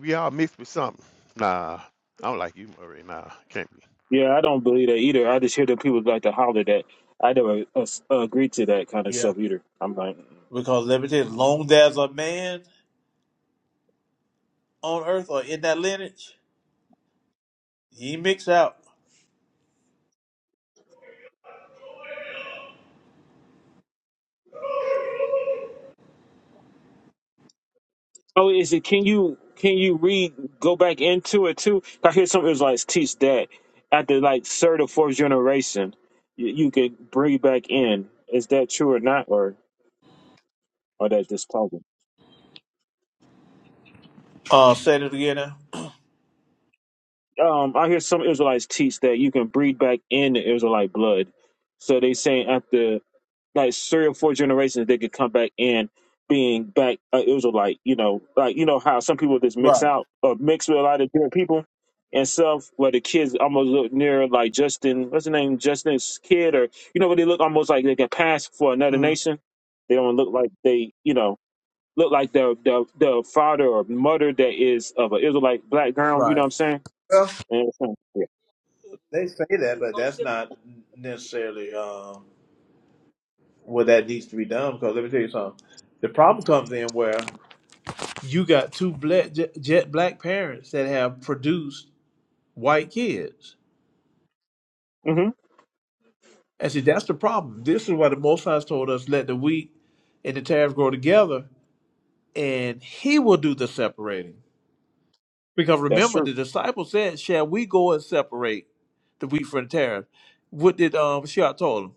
we all mixed with something. Nah, I don't like you, Murray. Nah, can't be. Yeah, I don't believe that either. I just hear that people like to holler that. I never uh, agree to that kind of Yeah. stuff either. I'm like, Because let me tell you, long as there's a man on earth or in that lineage, he mix out. oh, is it? Can you can you read go back into it too? I hear some Israelites teach that after like third or fourth generation, you, you can bring back in. Is that true or not, or or that just talking? Uh, say it again. now. Um, I hear some Israelites teach that you can breed back in the Israelite blood. So they saying after like three or four generations they could come back in being back uh, Israelite. You know, like you know how some people just mix Right. out or mix with a lot of different people and stuff. Where the kids almost look near like Justin, what's the name, Justin's kid, or you know, where they look almost like they can pass for another Mm, nation. They don't look like they, you know, look like the the the father or mother that is of an Israelite black girl. You know right. what I'm saying? Well, And, uh, yeah. they say that, but that's not necessarily um, where that needs to be done. Because let me tell you something. The problem comes in where you got two black, jet, jet black parents that have produced white kids, hmm and see that's the problem. This is why the Most High told us, "Let the wheat and the tares grow together, and He will do the separating." Because That's remember, true. the disciples said, "Shall we go and separate the wheat from the tares?" What did um Shia told him?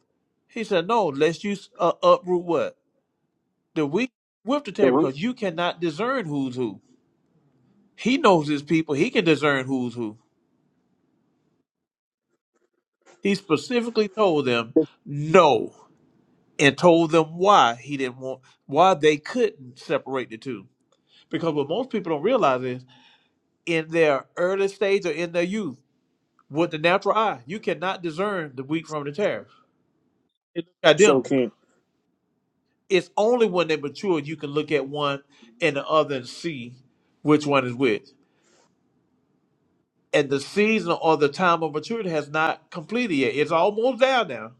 He said, "No, lest you uh, uproot what the wheat with the The tares, root. because you cannot discern who's who." He knows his people; he can discern who's who. He specifically told them no, and told them why he didn't want, why they couldn't separate the two. Because what most people don't realize is, in their early stage or in their youth, with the natural eye, you cannot discern the wheat from the tares They look So identical. can. It's only when they mature you can look at one and the other and see which one is which. And the season or the time of maturity has not completed yet. It's almost there now.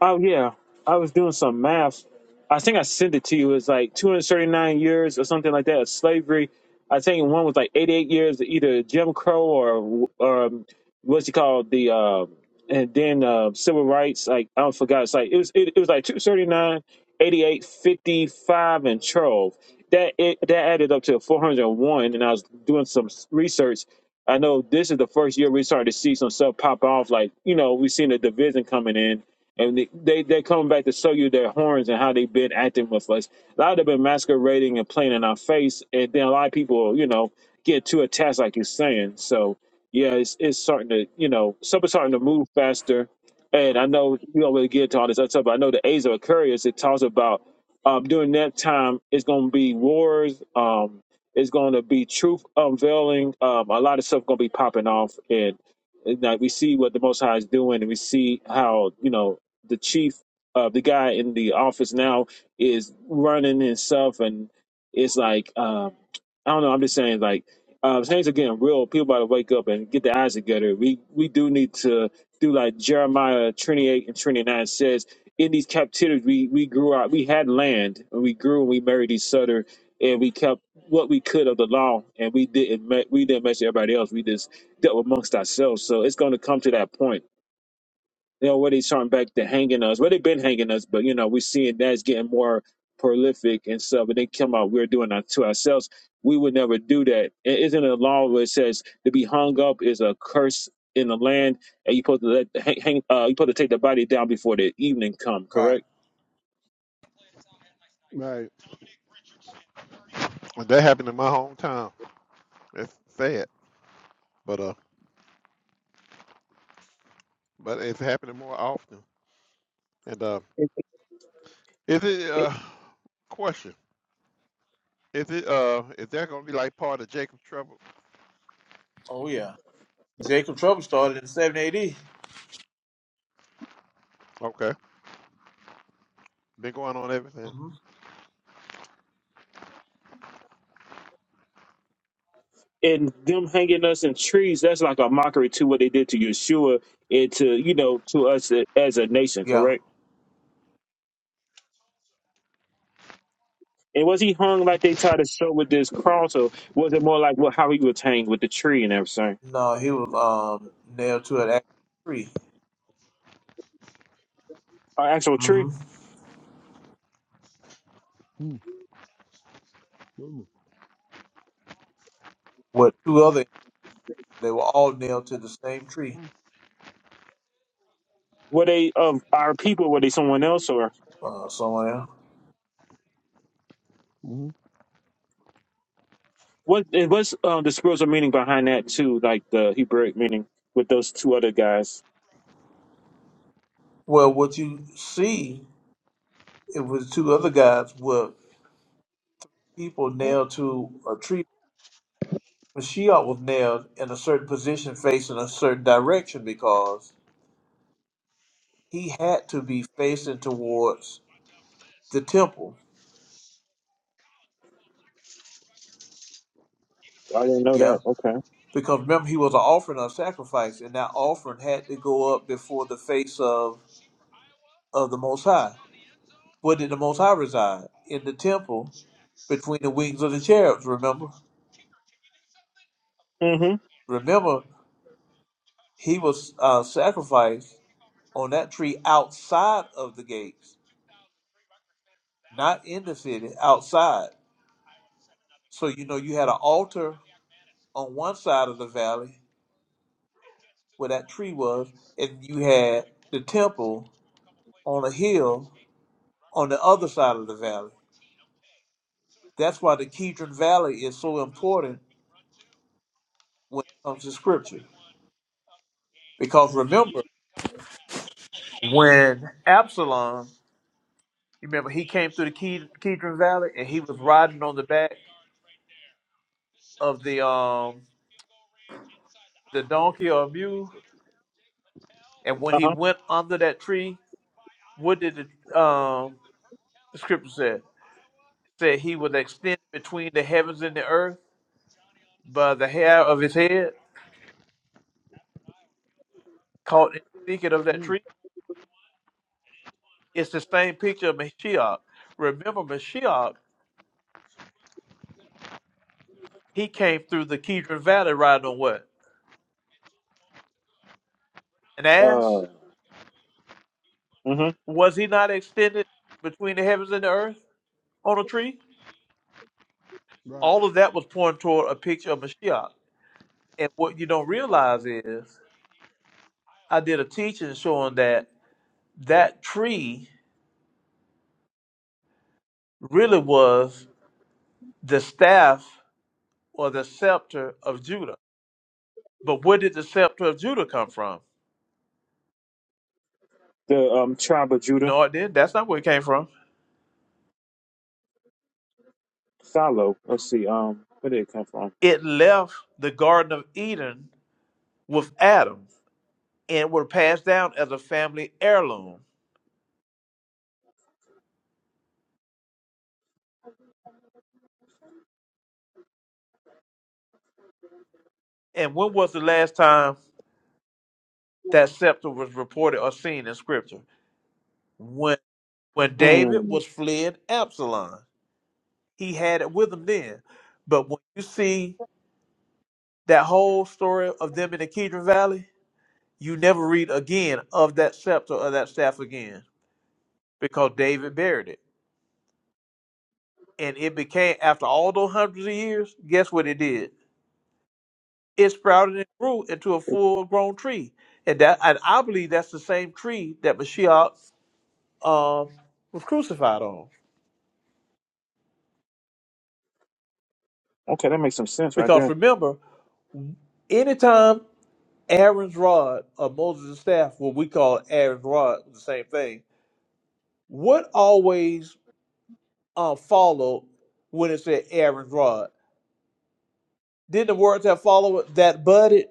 Oh yeah, I was doing some math. I think I sent it to you. It's like 239 years or something like that of slavery. I think one was like 88 years, of either Jim Crow or or um, what's it called the um and then uh, civil rights. Like I forgot. It's like it was it, it was like two thirty nine, eighty eight, fifty five, and 12. That it, that added up to 401. And I was doing some research. I know this is the first year we started to see some stuff pop off. Like you know, we've seen the division coming in and they, they they're coming back to show you their horns and how they've been acting with us. A lot of them been masquerading and playing in our face, and then a lot of people, you know, get too attached, like you're saying. So yeah, it's it's starting to you know stuff is starting to move faster. And I know we don't really get to all this other stuff, but I know the Age of Aquarius it talks about um, during that time it's going to be wars. Um, it's going to be truth unveiling. Um, a lot of stuff going to be popping off, and and like we see what the Most High is doing, and we see how you know the chief, uh, the guy in the office now is running himself, and it's like um, I don't know. I'm just saying, like uh, things are getting real. People about to wake up and get their eyes together. We we do need to do like Jeremiah 28 and 29 says. In these captivities, we we grew out. We had land, and we grew, and we married each other, and we kept what we could of the law, and we didn't me- we didn't mess with everybody else. We just dealt amongst ourselves. So it's going to come to that point they already starting back to hanging us. Well, they've been hanging us, but you know, we're seeing that's getting more prolific and stuff. And they come out, we're doing that to ourselves. We would never do that. I- Isn't it a law where it says to be hung up is a curse in the land, and you supposed to let hang, hang uh, you supposed to take the body down before the evening come, Right. correct? Right. And that happened in my hometown. That's sad, but uh, but it's happening more often. And uh, is it uh, question? Is it uh, is that gonna be like part of Jacob's trouble? Oh yeah. Jacob Trouble started in seven AD. Okay, been going on everything. hmm And them hanging us in trees, that's like a mockery to what they did to Yeshua and to you know to us as a nation, Yeah. correct? And was he hung like they tried to show with this cross, or was it more like what how he was hanged with the tree and everything? No, he was um, nailed to an actual tree. An actual tree? hmm With two other, they were all nailed to the same tree Were they of our people? Were they someone else, or uh, somewhere. what? It was um, the spiritual meaning behind that too, like the Hebraic meaning with those two other guys. Well, what you see, it was two other guys were people Right. nailed to a tree But Sheol was nailed in a certain position facing a certain direction because he had to be facing towards the temple. I didn't know Yeah. that. Okay. Because remember he was an offering of sacrifice and that offering had to go up before the face of, of the most high. Where did the most high reside? In the temple between the wings of the cherubs, remember? Mm-hmm. Remember, he was uh, sacrificed on that tree outside of the gates, not in the city, outside. So you know you had an altar on one side of the valley where that tree was, and you had the temple on a hill on the other side of the valley. That's why the Kidron Valley is so important when it comes to scripture. Because remember, when Absalom, you remember he came through the Ke- Kedron Valley and he was riding on the back of the um the donkey or mule, and when he Uh-huh. went under that tree, what did the um the scripture say? Said he was extended between the heavens and the earth But the hair of his head caught in the thicket of that tree, it's the same picture of Mashiach. Remember, Mashiach, he came through the Kidron Valley riding on what? An ass? Uh. Mm-hmm. Was he not extended between the heavens and the earth on a tree? right. All of that was pointing toward a picture of Mashiach. And what you don't realize is, I did a teaching showing that that tree really was the staff or the scepter of Judah. But where did the scepter of Judah come from? The um tribe of Judah, No, it didn't. That's not where it came from. Salo. Let's see. Um, where did it come from? It left the Garden of Eden with Adam and were passed down as a family heirloom. And when was the last time that scepter was reported or seen in scripture? When when David Hmm. was fleeing Absalom. He had it with him then. But when you see that whole story of them in the Kidron Valley, you never read again of that scepter or that staff again because David buried it. and it became after all those hundreds of years. Guess what it did? It sprouted and grew into a full-grown tree, and that and I believe that's the same tree that Mashiach um, was crucified on. Okay, that makes some sense right Because there. remember, anytime Aaron's rod or Moses' staff, what we call Aaron's rod, the same thing. What always uh, followed when it said Aaron's rod? Didn't the words that followed that budded?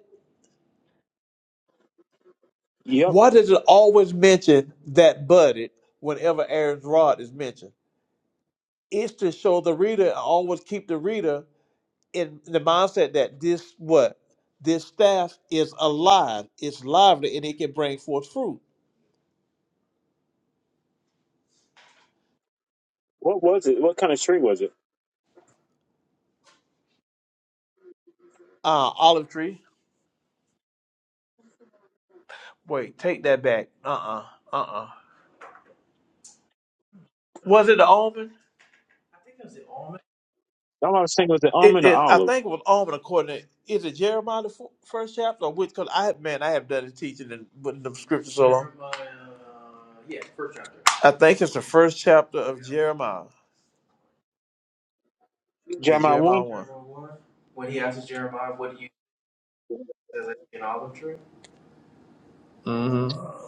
Yep. Why does it always mention that budded whenever Aaron's rod is mentioned? It's to show the reader and always keep the reader in the mindset that this what this staff is alive, it's lively, and it can bring forth fruit. What was it? What kind of tree was it? Uh olive tree. Wait, take that back. Uh uh-uh, uh. Was it the almond? All I was thinking was the It, almond or it, I olive. think it was Almond according to, is it Jeremiah the fo- first chapter or which? Because I have, man, I have done the teaching and putting the scripture so long. Jeremiah, Yeah, first chapter. I think it's the first chapter of Jeremiah. Yeah, Jeremiah Jeremiah 1. 1. Jeremiah one. When he asks Jeremiah, what do you see as I see an olive tree?" Mm-hmm.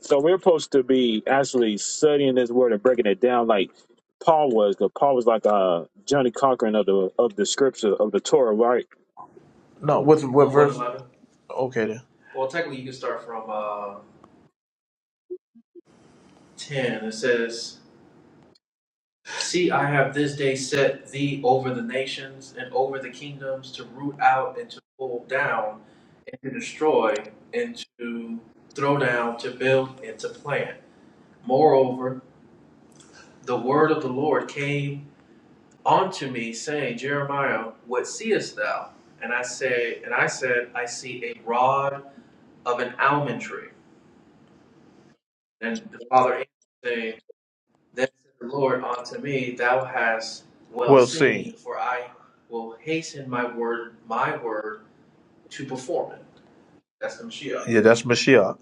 So we're supposed to be actually studying this word and breaking it down like Paul was. 'cause Paul was like uh Johnny Cochran of the of the scripture of the Torah, right? No, what what verse? one eleven. Okay, then. Well, technically, you can start from uh, ten. It says. See, I have this day set thee over the nations and over the kingdoms to root out and to pull down and to destroy and to throw down, to build and to plant. Moreover, the word of the Lord came unto me, saying, Jeremiah, what seest thou? And I say, and I said, I see a rod of an almond tree. And the father answered, saying. Then said the Lord unto me, Thou hast well We'll seen, seen, for I will hasten my word, my word to perform it. That's the Mashiach, Yeah, that's Mashiach.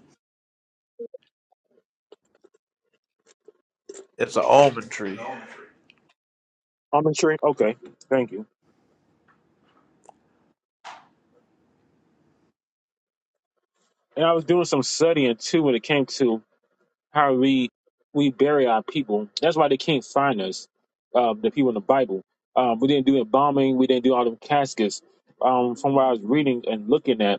It's an almond the tree. An almond tree. I'm not sure. Okay, thank you. And I was doing some studying too when it came to how we we bury our people. That's why they can't find us, uh, the people in the Bible. Um, we didn't do embalming. We didn't do all them caskets. Um, from what I was reading and looking at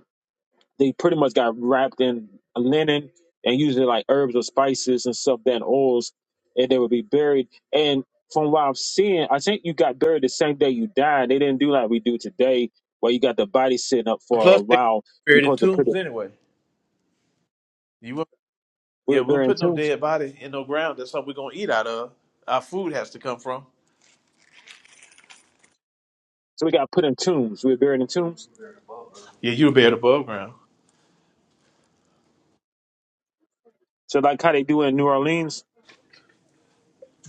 they pretty much got wrapped in linen and usually like herbs or spices and stuff then oils and they would be buried and from what i'm seeing i think you got buried the same day you died they didn't do like we do today where you got the body sitting up And for a plus, they while you're buried in supposed to put it tombs anyway. You won't- we yeah, were we'll buried in put no tombs dead body in no ground. That's something we're gonna eat out of. Our food has to come from. so we got put in tombs we were buried in tombs Yeah, you'll be at above ground. so like how they do in new orleans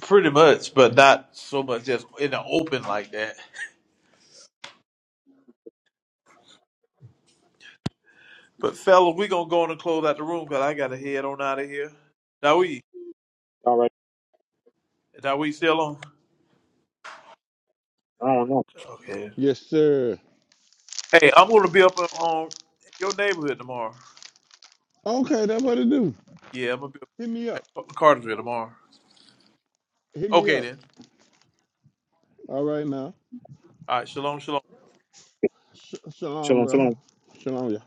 Pretty much, but not so much just in the open like that. But fella, we gonna go on and close out the room because I gotta head on out of here. Now we. all right That we still on? i don't know Okay. Yes, sir. Hey, I'm gonna be up on on your neighborhood tomorrow. Okay, that's what it do. Yeah, I'm gonna be Hit me up. up in Cartersville tomorrow. Hit me Okay up. then. All right now. All right. Shalom. Shalom. Sh- shalom, shalom brother. shalom Shalom, y'all.